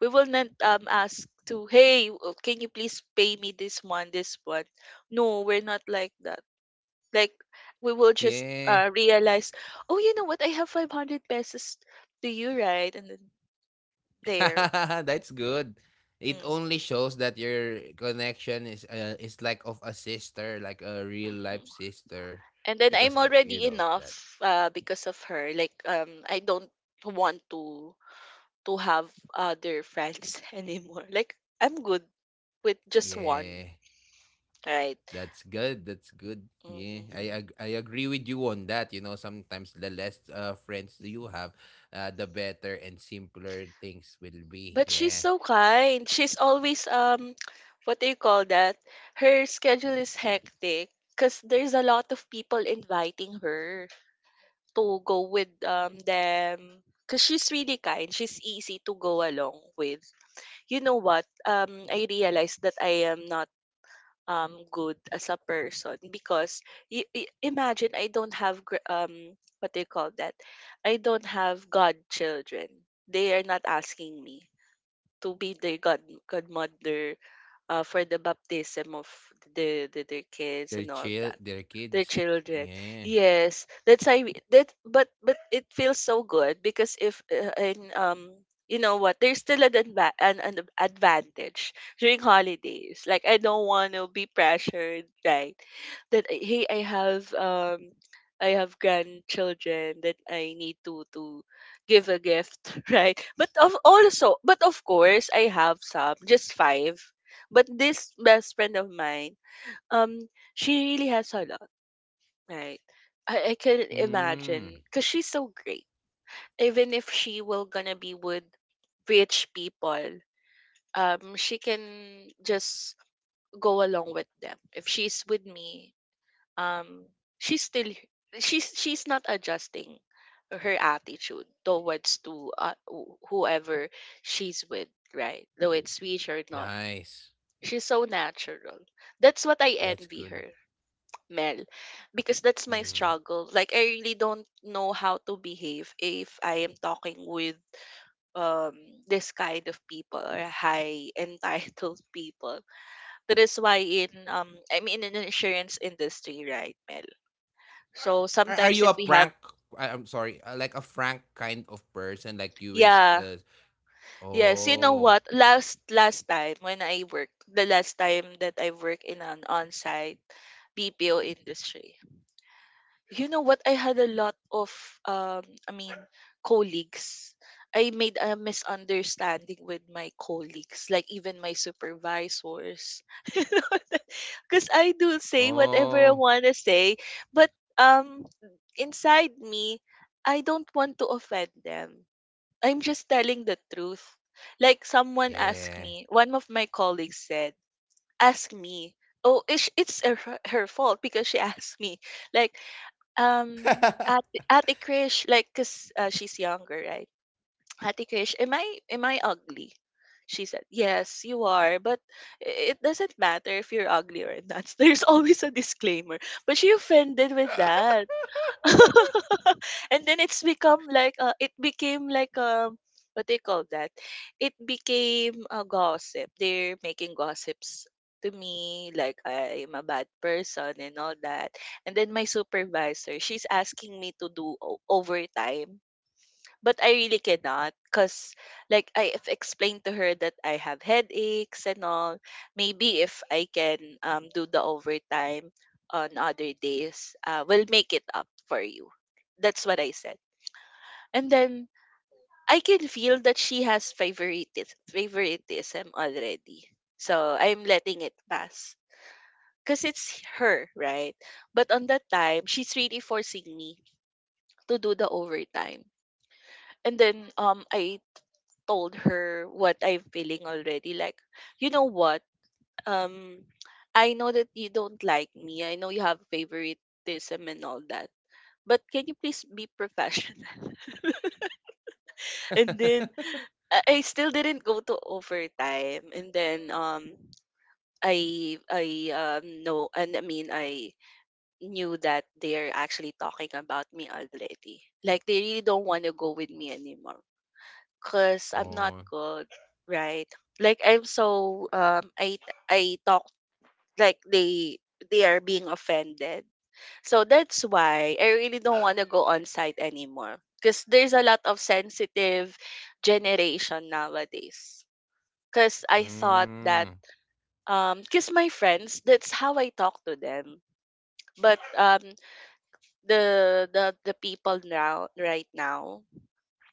S2: we will not um ask to, "Hey, uh, can you please pay me this one, this one?" No, we're not like that. Like, we will just
S1: Yeah.
S2: uh, realize, "Oh, you know what? I have five hundred pesos to you, right?" And then there.
S1: That's good. It
S2: Hmm.
S1: only shows that your connection is uh, is like of a sister, like a real life
S2: Mm.
S1: sister
S2: And then
S1: because
S2: I'm
S1: of, you
S2: already
S1: know that.
S2: enough, uh, because of her. Like, um, I don't want to to have other friends anymore. Like, I'm good with just one,
S1: Yeah.
S2: right?
S1: That's good. That's good. Yeah, I
S2: Mm-hmm.
S1: ag- I agree with you on that. You know, sometimes the less uh, friends do you have, uh, the better and simpler things will be.
S2: But she's
S1: Yeah,
S2: so kind. She's always um what do you call that? Her schedule is hectic because there's a lot of people inviting her to go with um them. Cause she's really kind. She's easy to go along with. You know what? Um, I realized that I am not um good as a person because y- y- imagine I don't have gr- um what do you call that? I don't have godchildren. They are not asking me to be the god godmother uh, for the baptism of the, the their kids and
S1: they're
S2: all that.
S1: chill. They're
S2: Their
S1: kids.
S2: children.
S1: Yeah.
S2: Yes, that's I mean, that but but it feels so good because if uh, in um you know what, there's still an, adva- an an advantage during holidays. Like I don't want to be pressured, right? That uh, hey, I have um I have grandchildren that I need to to give a gift, right? But of also but of course I have some, just five. But this best friend of mine, um, she really has a lot. Right. I, I can
S1: Mm,
S2: imagine because she's so great. Even if she will gonna be with rich people, um, she can just go along with them. If she's with me, um, she's still she's she's not adjusting her attitude towards to uh, wh- whoever she's with, right? Though it's rich or not,
S1: Nice.
S2: she's so natural. That's what I
S1: That's
S2: envy
S1: good.
S2: her. Mel, because that's my
S1: Mm.
S2: struggle. Like I really don't know how to behave if I am talking with um this kind of people or high entitled people. That is why in um I mean in an insurance industry, right, Mel? So
S1: Are Are
S2: sometimes
S1: you a
S2: if we have
S1: prank? I, I'm sorry. Uh, like a frank kind of person. Like you will. St-
S2: yeah,
S1: uh,
S2: yes, you know
S1: oh.
S2: what? Last last time when I worked, the last time that I worked in an on-site B P O industry. You know what? I had a lot of, um, I mean, colleagues. I made a misunderstanding with my colleagues, like even my supervisors. Because I do say whatever I
S1: Oh.
S2: want to say, but um, inside me, I don't want to offend them. I'm just telling the truth. Like someone asked
S1: Yeah.
S2: me, one of my colleagues said, ask me, oh, it's, it's her, her fault because she asked me, like, um, at Ate Krish, like, cause uh, she's younger, right? Ate Krish, am I am I ugly? She said, "Yes, you are, but i- it doesn't matter if you're ugly or not. There's always a disclaimer." But she offended with that. And then it's become like uh, it became like um what they call that it became a gossip. They're making gossips to me like I'm a bad person and all that. And then my supervisor, she's asking me to do o- overtime, but I really cannot because, like, I have explained to her that I have headaches and all. Maybe if I can um do the overtime on other days, uh, we'll make it up for you. That's what I said. And then I can feel that she has favoritis favoritism already. So I'm letting it pass. Cause it's her, right? But on that time, she's really forcing me to do the overtime. And then um I told her what I'm feeling already. Like, you know what? Um, I know that you don't like me. I know you have favoritism and all that. But can you please be professional? And then I I still didn't go to overtime. And then um, I I um know and I mean I knew that they're actually talking about me already. Like they really don't want to go with me anymore. 'Cause I'm not
S1: Oh.
S2: good, right? Like I'm so um I I talk like they they are being offended. So that's why I really don't want to go on site anymore because there's a lot of sensitive generation nowadays. Because I thought that
S1: Mm,
S2: um because my friends, that's how I talk to them. But um the the the people now, right now,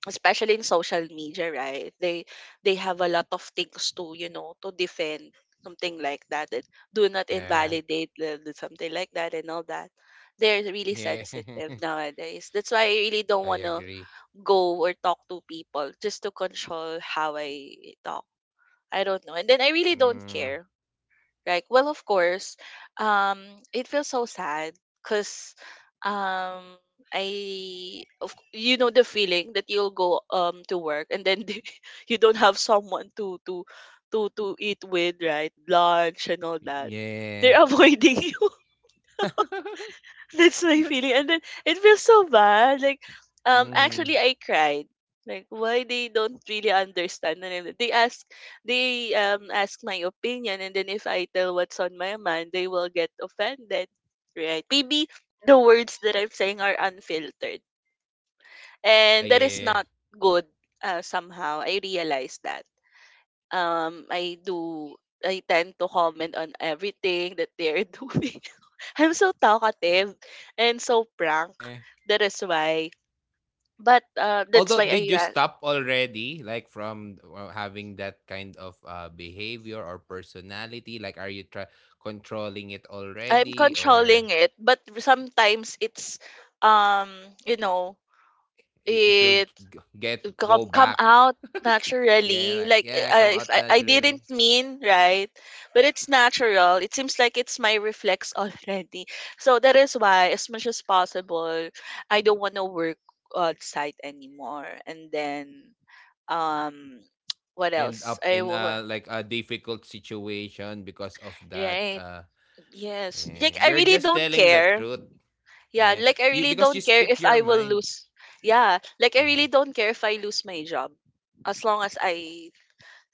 S2: especially in social media, right, they they have a lot of things to, you know, to defend something like that, and do not
S1: yeah,
S2: invalidate the, the something like that and all that. They're really
S1: yeah,
S2: sensitive nowadays. That's why I really
S1: I
S2: don't want to
S1: agree.
S2: go or talk to people just to control how I talk. I don't know. And then I really don't
S1: Mm,
S2: care. Like, well, of course, um, it feels so sad because um, I, of, you know, the feeling that you'll go um to work and then you don't have someone to to to to eat with, right? Lunch and all that.
S1: yeah.
S2: They're avoiding you. That's my
S1: That's.
S2: feeling. And then it feels so bad. Like, um,
S1: Mm-hmm.
S2: actually, I cried. Like, why they don't really understand? And then they ask, they um ask my opinion, and then if I tell what's on my mind, they will get offended, right? Maybe the words that I'm saying are unfiltered,
S1: Ah,
S2: and that is
S1: yeah,
S2: not good. Uh, somehow, I realized that. Um, I do I tend to comment on everything that they're doing. I'm so talkative and so prank.
S1: yeah.
S2: That is why. But uh, that's
S1: Although
S2: why I
S1: did you
S2: uh,
S1: stop already, like from uh, having that kind of uh behavior or personality? Like, are you try controlling it
S2: I'm
S1: already, or
S2: controlling it. But sometimes it's um you know
S1: it, it will
S2: it.
S1: g- get go
S2: Come
S1: back?
S2: come out
S1: Yeah,
S2: naturally,
S1: like
S2: like
S1: yeah, come
S2: uh, if
S1: out
S2: I, I
S1: naturally.
S2: didn't mean, right, but it's natural. It seems like it's my reflex already. So that is why, as much as possible, I don't want to work on site anymore. And then um what
S1: End
S2: else
S1: up
S2: I
S1: in
S2: wa-
S1: a like a difficult situation because of that,
S2: right.
S1: uh
S2: Yes,
S1: yeah.
S2: like I
S1: You're
S2: really
S1: just
S2: don't
S1: telling the
S2: care.
S1: truth.
S2: Yeah,
S1: Yeah,
S2: like I
S1: you,
S2: really
S1: because you
S2: don't care
S1: speak
S2: if
S1: your
S2: I will
S1: mind.
S2: lose. Yeah, like I really
S1: Mhm.
S2: don't care if I lose my job as long as I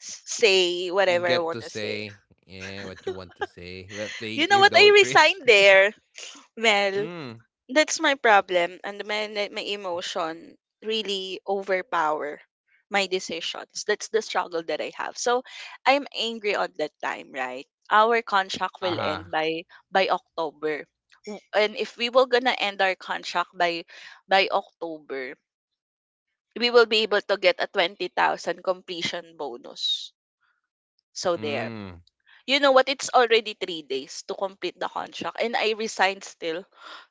S2: s- say
S1: You
S2: whatever I
S1: get
S2: want
S1: to
S2: to say.
S1: say, yeah, what you want to say. Well,
S2: You
S1: thank
S2: know
S1: you
S2: what? I
S1: though, Krish.
S2: resigned there, Mel.
S1: Mm.
S2: That's my problem. And my, my emotion really overpower my decisions. That's the struggle that I have. So I'm angry on that time, right? Our contract will
S1: Uh-huh.
S2: end by by October. W- And if we were gonna end our contract by by October, we will be able to get a twenty thousand completion bonus. So there.
S1: Mm.
S2: You know what? It's already three days to complete the contract, and I resigned still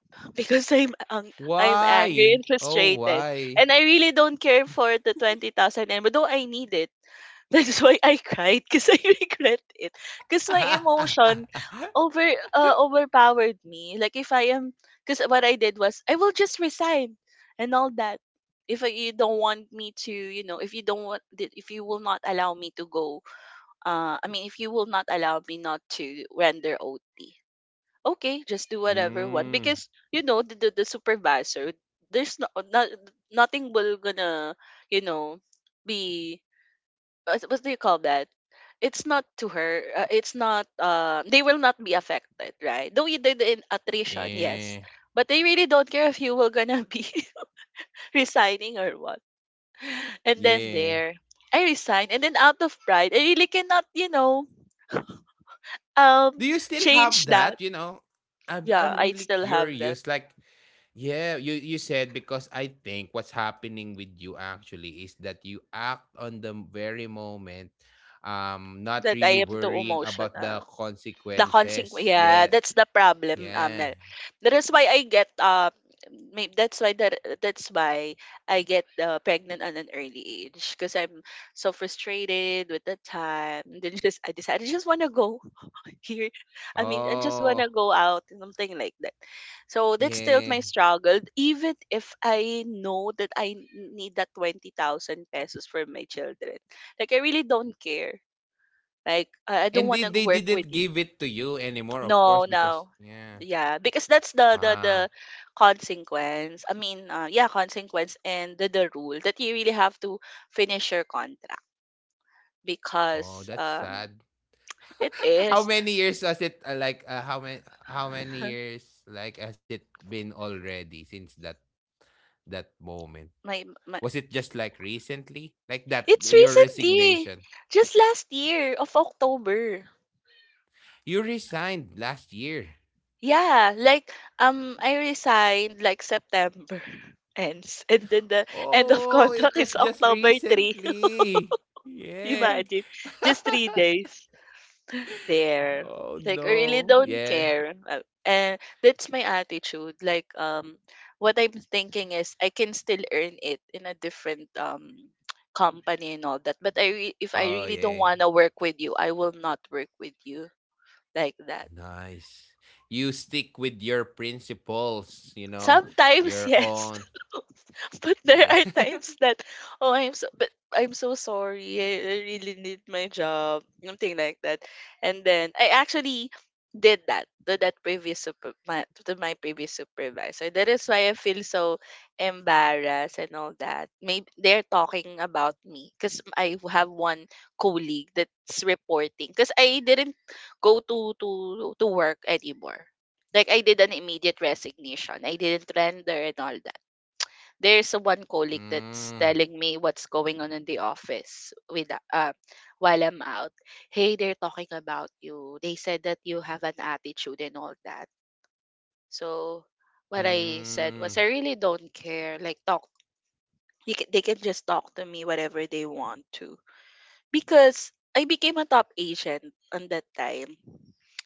S2: because I'm ang- I'm
S1: Why,
S2: angry and
S1: oh
S2: frustrated,
S1: why?
S2: and I really don't care for the twenty thousand anymore. Though I need it, that's why I cried because I regret it. Because my emotion over uh, overpowered me. Like if I am, because what I did was I will just resign and all that. If I- you don't want me to, you know, if you don't want, if you will not allow me to go uh, I mean, if you will not allow me not to render O T, okay, just do whatever one
S1: Mm.
S2: because you know the the, the supervisor. There's no, not nothing will gonna, you know, be, what, what do you call that? It's not to her. Uh, it's not. Uh, they will not be affected, right? Though you did in attrition,
S1: Yeah,
S2: yes, but they really don't care if you will gonna be resigning or what. And then
S1: yeah.
S2: there, I resigned, and then out of pride, I really cannot, you know, Um,
S1: Do you still have
S2: change that.
S1: that, you know? I'm
S2: Yeah,
S1: I'm
S2: I
S1: really
S2: still have that.
S1: curious. Like, yeah, you you said, because I think what's happening with you actually is that you act on the very moment, um, not
S2: That I
S1: really
S2: am too
S1: worrying about the
S2: emotional. The consequence.
S1: consequences.
S2: Yeah,
S1: Yeah,
S2: that's the problem, Amel.
S1: yeah.
S2: That is why I get um. Maybe that's why that that's why I get uh, pregnant at an early age because I'm so frustrated with the time. Then just I decided I just want to go here. I mean, I just wanna
S1: Oh,
S2: go out, something like that. So that's
S1: yeah.
S2: still my struggle. Even if I know that I n- need that twenty thousand pesos for my children, like I really don't care. Like I I don't
S1: And
S2: wanna
S1: did they
S2: work
S1: didn't
S2: with you.
S1: give it to you anymore, of course,
S2: No,
S1: because
S2: no.
S1: yeah.
S2: Yeah, because that's the the
S1: Wow.
S2: the consequence. I mean, uh, yeah, consequence and the, the rule that you really have to finish your contract
S1: Oh,
S2: because
S1: that's
S2: um
S1: sad.
S2: it
S1: How
S2: is
S1: many years has it, uh, like, uh, how many how many years, like, has it been already since that that moment?
S2: my, my
S1: Was it just like recently? Like that,
S2: It's
S1: your
S2: recently,
S1: resignation.
S2: just last year of October.
S1: You resigned last year.
S2: Yeah, like um, I resigned like September ends, and then the end of
S1: Oh, it
S2: contract
S1: was
S2: is
S1: just
S2: October three.
S1: recently. Yeah.
S2: Imagine, just three days there.
S1: Oh,
S2: Like I really
S1: no.
S2: don't
S1: Yeah.
S2: care. Uh, and that's my attitude. Like um, what I'm thinking is I can still earn it in a different um company and all that. But I re- if I
S1: Oh,
S2: really don't
S1: yeah.
S2: wanna work with you, I will not work with you like that.
S1: Nice. You stick with your principles, you know,
S2: Sometimes,
S1: your
S2: yes.
S1: own.
S2: But
S1: Yeah.
S2: there are times that, oh, I'm so, but I'm so sorry. I, I really need my job. Something like that. And then I actually did that to that previous super, my, to my previous supervisor. That is why I feel so embarrassed and all that. Maybe they're talking about me because I have one colleague that's reporting because I didn't go to to to work anymore. Like I did an immediate resignation. I didn't render and all that. There's a one colleague that's
S1: Mm.
S2: telling me what's going on in the office with uh, while I'm out. Hey, they're talking about you. They said that you have an attitude and all that. So what I said
S1: Mm.
S2: was I really don't care. Like talk, you ca- they can just talk to me whatever they want to. Because I became a top agent on that time,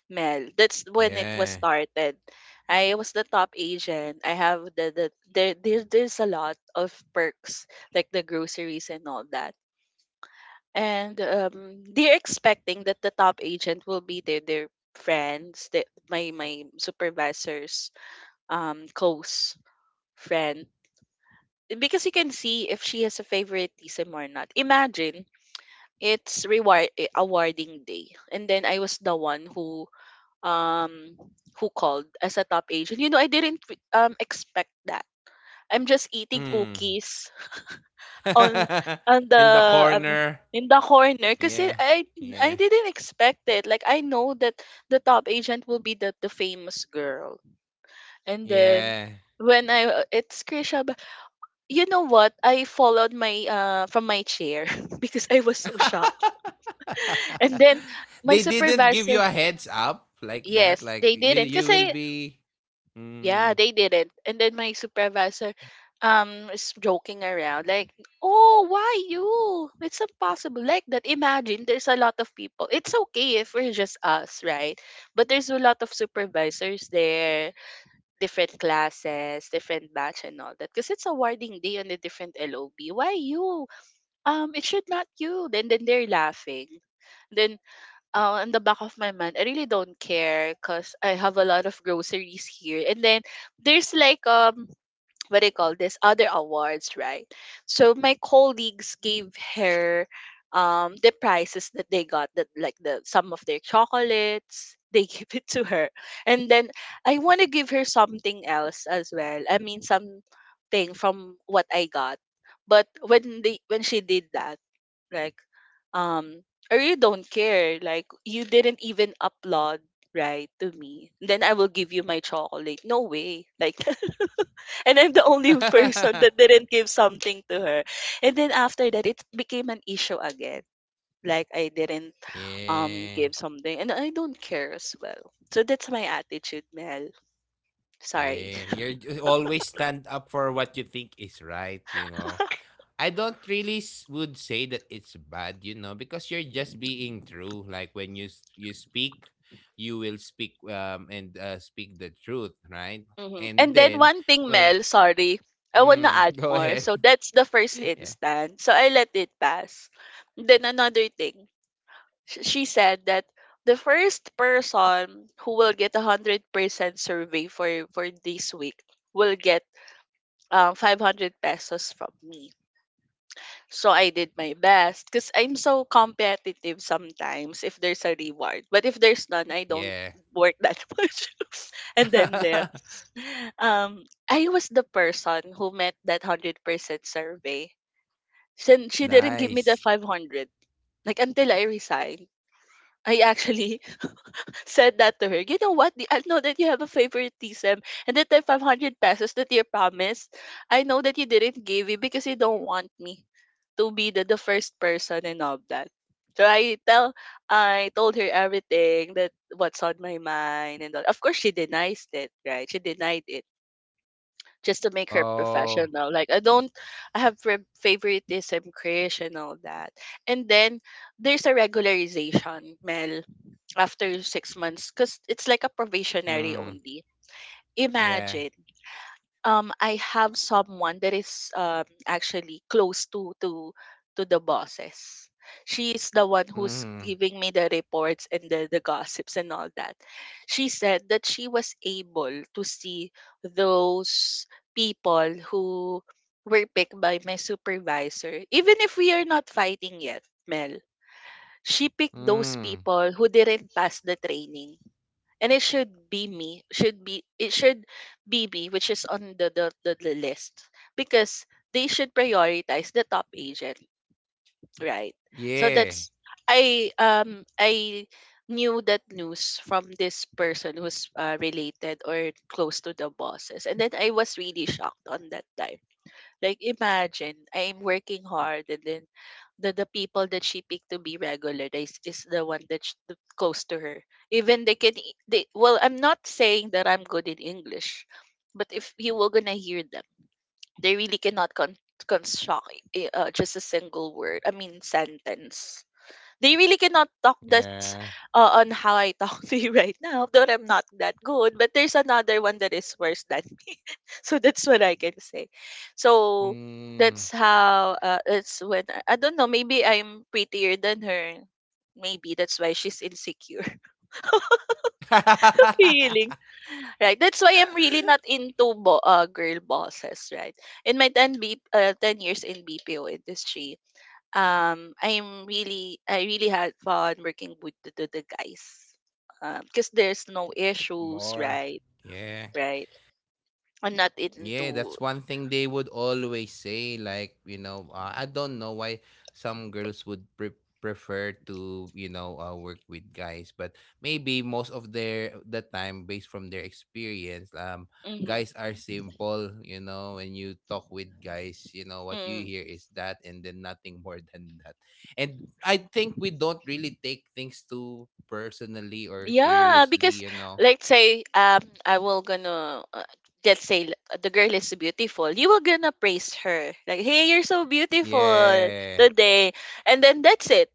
S2: Mel. That's when it was
S1: Yeah.
S2: started. I was the top agent. I have the, the there, there there's a lot of perks like the groceries and all that. And um, they're expecting that the top agent will be their their friends, the, my my supervisor's um close friend. Because you can see if she has a favoritism or not. Imagine it's reward eh, awarding day, and then I was the one who um who called as a top agent. You know, I didn't re- um expect that. I'm just eating
S1: Mm.
S2: cookies on on the
S1: In the
S2: um,
S1: corner.
S2: in the corner because
S1: Yeah.
S2: i i
S1: Yeah.
S2: didn't expect it. Like I know that the top agent will be the, the famous girl, and then
S1: Yeah.
S2: when I uh, it's Krisha. But you know what, I followed my uh from my chair because I was so shocked. And then my
S1: They didn't give
S2: supervisor.
S1: you a heads up like that.
S2: Yes,
S1: Like
S2: they
S1: you
S2: didn't,
S1: you will
S2: kasi,
S1: be
S2: yeah,
S1: mm.
S2: they didn't. And then my supervisor um is joking around like, "Oh, why you? It's impossible." Like that. Imagine there's a lot of people. It's okay if we're just us, right? But there's a lot of supervisors there, different classes, different batch and all that, because it's awarding day on a different L O B. Why you? Um it should not you. Then then they're laughing. Then uh, in the back of my mind, I really don't care because I have a lot of groceries here. And then there's like um what do you call this, other awards, right? So my colleagues gave her um the prizes that they got, that like the some of their chocolates they give it to her. And then I want to give her something else as well, I mean something from what I got. But when they when she did that, like, um or you don't care, like you didn't even upload right to me, then I will give you my chocolate? No way, like and I'm the only person that didn't give something to her. And then after that it became an issue again, like I didn't um
S1: Yeah.
S2: give something, and I don't care as well, so that's my attitude, Mel. Sorry.
S1: Yeah. You're you always stand up for what you think is right, you know. I don't really s- would say that it's bad, you know, because you're just being true. Like when you s- you speak, you will speak um and uh, speak the truth, right?
S2: Mhm.
S1: And
S2: And then
S1: then
S2: one thing,
S1: when
S2: Mel, sorry, I wanna
S1: mm,
S2: add
S1: Go
S2: more.
S1: ahead.
S2: So that's the first instance. So I let it pass. Then another thing, sh- she said that the first person who will get a hundred percent survey for for this week will get um five hundred pesos from me. So I did my best because I'm so competitive sometimes if there's a reward. But if there's none, I don't
S1: Yeah.
S2: work that much. And then there. Um, I was the person who met that one hundred percent survey. Since she didn't give me the
S1: Nice.
S2: five hundred, like until I resigned. I actually said that to her. You know what? I know that you have a favoritism, and that the five hundred pesos that you promised, I know that you didn't give it because you don't want me to be the, the first person and all that. So I tell I told her everything that what's on my mind and all. Of course she denies it, right? She denied it just to make her
S1: Oh.
S2: professional. Like I don't I have fa- favoritism, crush, and all that. And then there's a regularization, Mel, after six months, because it's like a probationary
S1: Mm.
S2: only.
S1: Yeah.
S2: Imagine. Um, I have someone that is um, actually close to to to the bosses. She is the one who's
S1: Mm.
S2: giving me the reports and the, the gossips and all that. She said that she was able to see those people who were picked by my supervisor, even if we are not fighting yet, Mel. She picked those
S1: Mm.
S2: people who didn't pass the training, and it should be me should be it should be me, which is on the the, the, the list, because they should prioritize the top agent, right? So
S1: Yeah.
S2: that's i um I knew that news from this person who's uh, related or close to the bosses, and then I was really shocked on that time. Like imagine I'm working hard, and then the the people that she picked to be regularized is, the one that's sh- th- close to her. Even they can e- they, well I'm not saying that I'm good in English, but if you were gonna hear them, they really cannot con- construct i- uh, just a single word. I mean sentence, they really cannot talk. That's
S1: Yeah.
S2: uh, on how I talk to you right now, though I'm not that good. But there's another one that is worse than me. So that's what I can say. So
S1: Mm.
S2: that's how uh, it's when I, I don't know, maybe I'm prettier than her. Maybe that's why she's insecure. Feeling. Right. That's why I'm really not into bo- uh, girl bosses, right? In my ten, B- uh, ten years in B P O industry, um I'm really I really had fun working with the, the, the guys, uh, because there's no issues,
S1: More.
S2: right?
S1: Yeah.
S2: Right, I'm not
S1: Yeah, that's
S2: into.
S1: one thing they would always say. Like, you know, uh, I don't know why some girls would pre- prefer to, you know, uh, work with guys. But maybe most of their the time, based from their experience, um,
S2: Mm-hmm,
S1: guys are simple. You know, when you talk with guys, you know what you
S2: mm.
S1: hear is that, and then nothing more than that. And I think we don't really take things too personally or
S2: Yeah, because
S1: seriously. You know,
S2: let's say um I will gonna uh, let's say l- the girl is beautiful, you will gonna praise her like, hey, you're so beautiful
S1: yeah.
S2: today, and then that's it.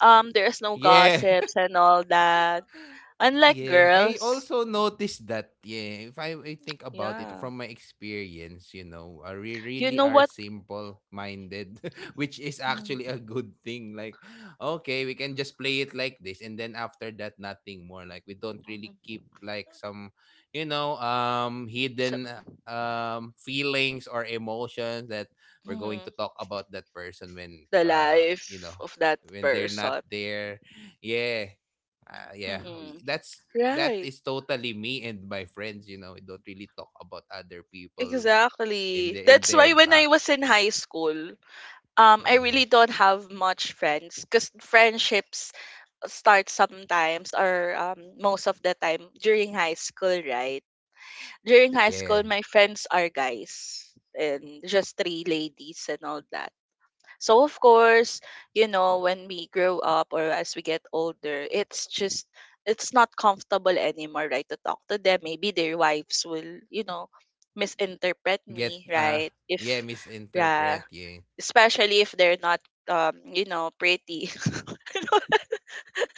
S2: um There's no
S1: Yeah,
S2: gossips and all that, unlike
S1: yeah, I
S2: girls.
S1: also noticed that. Yeah, if I, I think about it
S2: Yeah.
S1: from my experience, you know, uh, we
S2: You
S1: really
S2: know
S1: are
S2: what?
S1: simple minded, which is
S2: Mhm.
S1: actually a good thing. Like, okay, we can just play it like this, and then after that, nothing more. Like, we don't really keep like some, you know, um,
S2: So
S1: hidden um feelings or emotions that we're going to
S2: mhm.
S1: talk about that person when,
S2: The
S1: uh, you
S2: life
S1: know,
S2: of that
S1: when they're not
S2: person.
S1: there. Yeah, uh, yeah,
S2: Mhm.
S1: we- that's that
S2: Right.
S1: is totally me and my friends. You know, we don't really talk about other people in the
S2: Exactly.
S1: in their
S2: That's why
S1: back.
S2: when I was in high school, um, I
S1: Mhm.
S2: really don't have much friends because friendships start sometimes or um, most of the time during high school, right? During high
S1: Yeah,
S2: school, my friends are guys and just three ladies and all that. So of course, you know, when we grow up or as we get older, it's just it's not comfortable anymore, right? To talk to them. Maybe their wives will, you know,
S1: get,
S2: misinterpret
S1: uh,
S2: me,
S1: yeah,
S2: right? If
S1: misinterpret. Yeah,
S2: yeah, especially if they're not um, you know, pretty.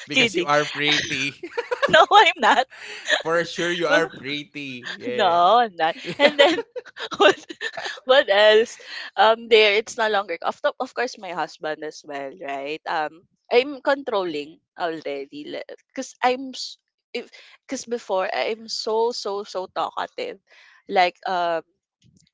S1: because you
S2: Kidding.
S1: are pretty.
S2: No, I'm not.
S1: For sure, you are pretty.
S2: No, I'm not.
S1: Yeah.
S2: And then what else? Um, there, it's no longer of to- of course my husband as well, right? Um, I'm controlling already, because I'm s- if because before I'm so so so talkative, like um.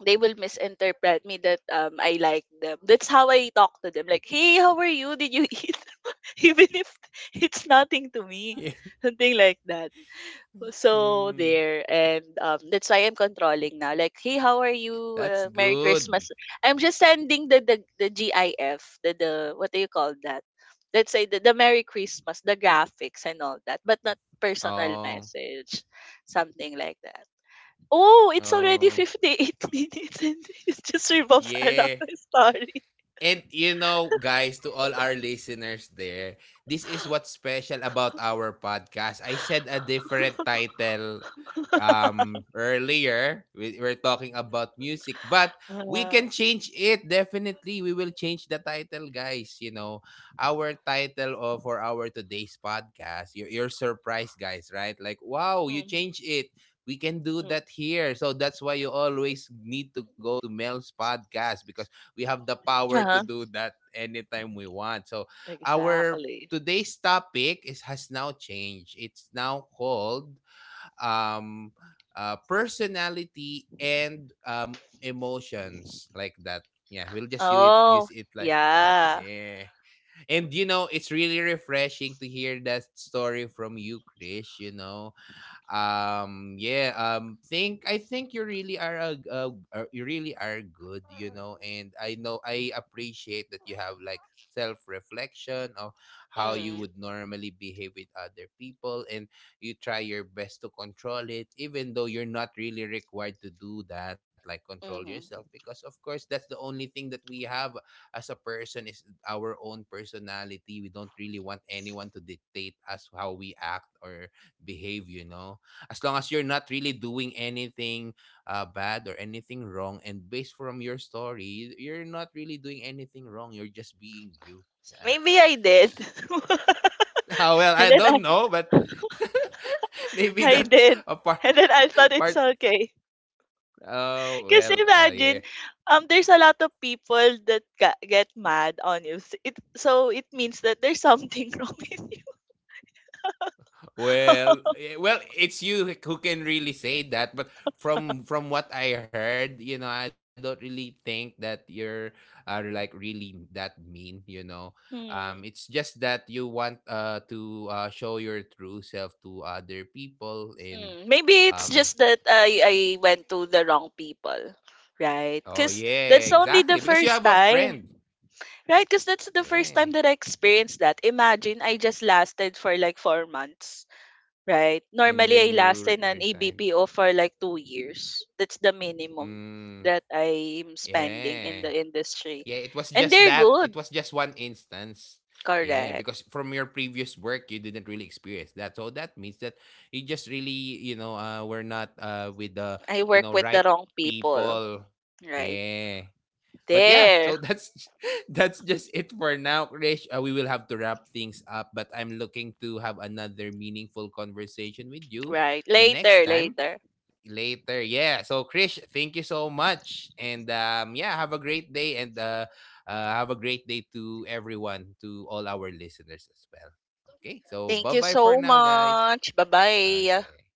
S2: They will misinterpret me that um I like them. That's how I talk to them. Like, hey, how are you? Did you eat? Even if it's nothing to me,
S1: Yeah.
S2: something like that. So
S1: Mm,
S2: there, and um, that's why I'm controlling now. Like, hey, how are you?
S1: that's
S2: Uh, Merry
S1: good.
S2: Christmas. I'm just sending the the, the GIF, the the what do you call that? Let's say the, the Merry Christmas, the graphics and all that, but not personal
S1: Oh,
S2: message, something like that. Oh, it's already
S1: oh,
S2: fifty-eight minutes and it just revolves
S1: yeah.
S2: around my story.
S1: And you know, guys, to all our listeners there, this is what's special about our podcast. I said a different title um earlier. We, we're talking about music, but we
S2: uh,
S1: can change it definitely. We will change the title, guys. You know, our title of for our today's podcast. You're, you're surprised, guys, right? Like, wow, you
S2: mm,
S1: change it. We can do
S2: mm.
S1: that here. So that's why you always need to go to Mel's podcast, because we have the power to
S2: Uh-huh.
S1: do that anytime we want. So our
S2: Exactly.
S1: today's topic is has now changed. It's now called um uh, personality and um emotions, like that. Yeah, we'll just use it, use
S2: Oh,
S1: it like that.
S2: yeah.
S1: Yeah. And you know, it's really refreshing to hear that story from you, Chris, you know. Um yeah, um think I think you really are a, a, a you really are good. You know, and I know I appreciate that you have like self reflection of how you
S2: Mm,
S1: would normally behave with other people, and you try your best to control it even though you're not really required to do that, like control yourself,
S2: mhm.
S1: because of course that's the only thing that we have. As a person is our own personality, we don't really want anyone to dictate us how we act or behave, you know as long as you're not really doing anything uh, bad or anything wrong. And based from your story, you're not really doing anything wrong. You're just being you uh,
S2: Maybe I did.
S1: s- ah, well,
S2: And
S1: I
S2: then I,
S1: don't know, but maybe
S2: I
S1: that's
S2: did.
S1: a part
S2: And then I thought it's
S1: part
S2: okay.
S1: Oh
S2: Because
S1: well, uh, yeah.
S2: imagine, um, there's a lot of people that ga- get mad on you. S- It, so it means that there's something wrong with you.
S1: Well, eh, well, it's you who can really say that. But from from what I heard, you know, I don't really think that you're are like really that mean. You know, um,
S2: Mm,
S1: it's just that you want uh to uh, show your true self to other people. and
S2: mm. Maybe it's
S1: um.
S2: just that I, I went to the wrong people, right?
S1: Oh
S2: Because
S1: yeah,
S2: that's only the
S1: exactly. Because you
S2: first
S1: have a
S2: time.
S1: friend.
S2: Right, because that's the first time
S1: Yeah,
S2: that I experienced that. Imagine I just lasted for like four months, right?
S1: and
S2: Normally, I
S1: then you
S2: lasted
S1: re-
S2: an
S1: resigned.
S2: A B P O for like two years. That's the minimum
S1: Mm,
S2: that I'm spending
S1: yeah.
S2: in the
S1: Yeah,
S2: industry.
S1: it was
S2: And
S1: just
S2: they're
S1: that. It
S2: good,
S1: was just one instance. Yeah,
S2: correct.
S1: because from your previous work, you didn't really experience that. So that means that you just really, you know, uh, we're not uh, with the,
S2: I
S1: you
S2: work
S1: know,
S2: with
S1: right
S2: the wrong people,
S1: people.
S2: right?
S1: Yeah. But yeah,
S2: There,
S1: so that's that's just it for now, Krish. Uh, we will have to wrap things up, but I'm looking to have another meaningful conversation with you
S2: right.
S1: the next
S2: Later,
S1: time
S2: later.
S1: later. Yeah. So Krish, thank you so much. And um yeah, have a great day, and uh, uh have a great day to everyone, to all our listeners as well. Okay. So
S2: Thank you
S1: bye-bye for
S2: so
S1: now, guys.
S2: much. Bye bye.
S1: Okay.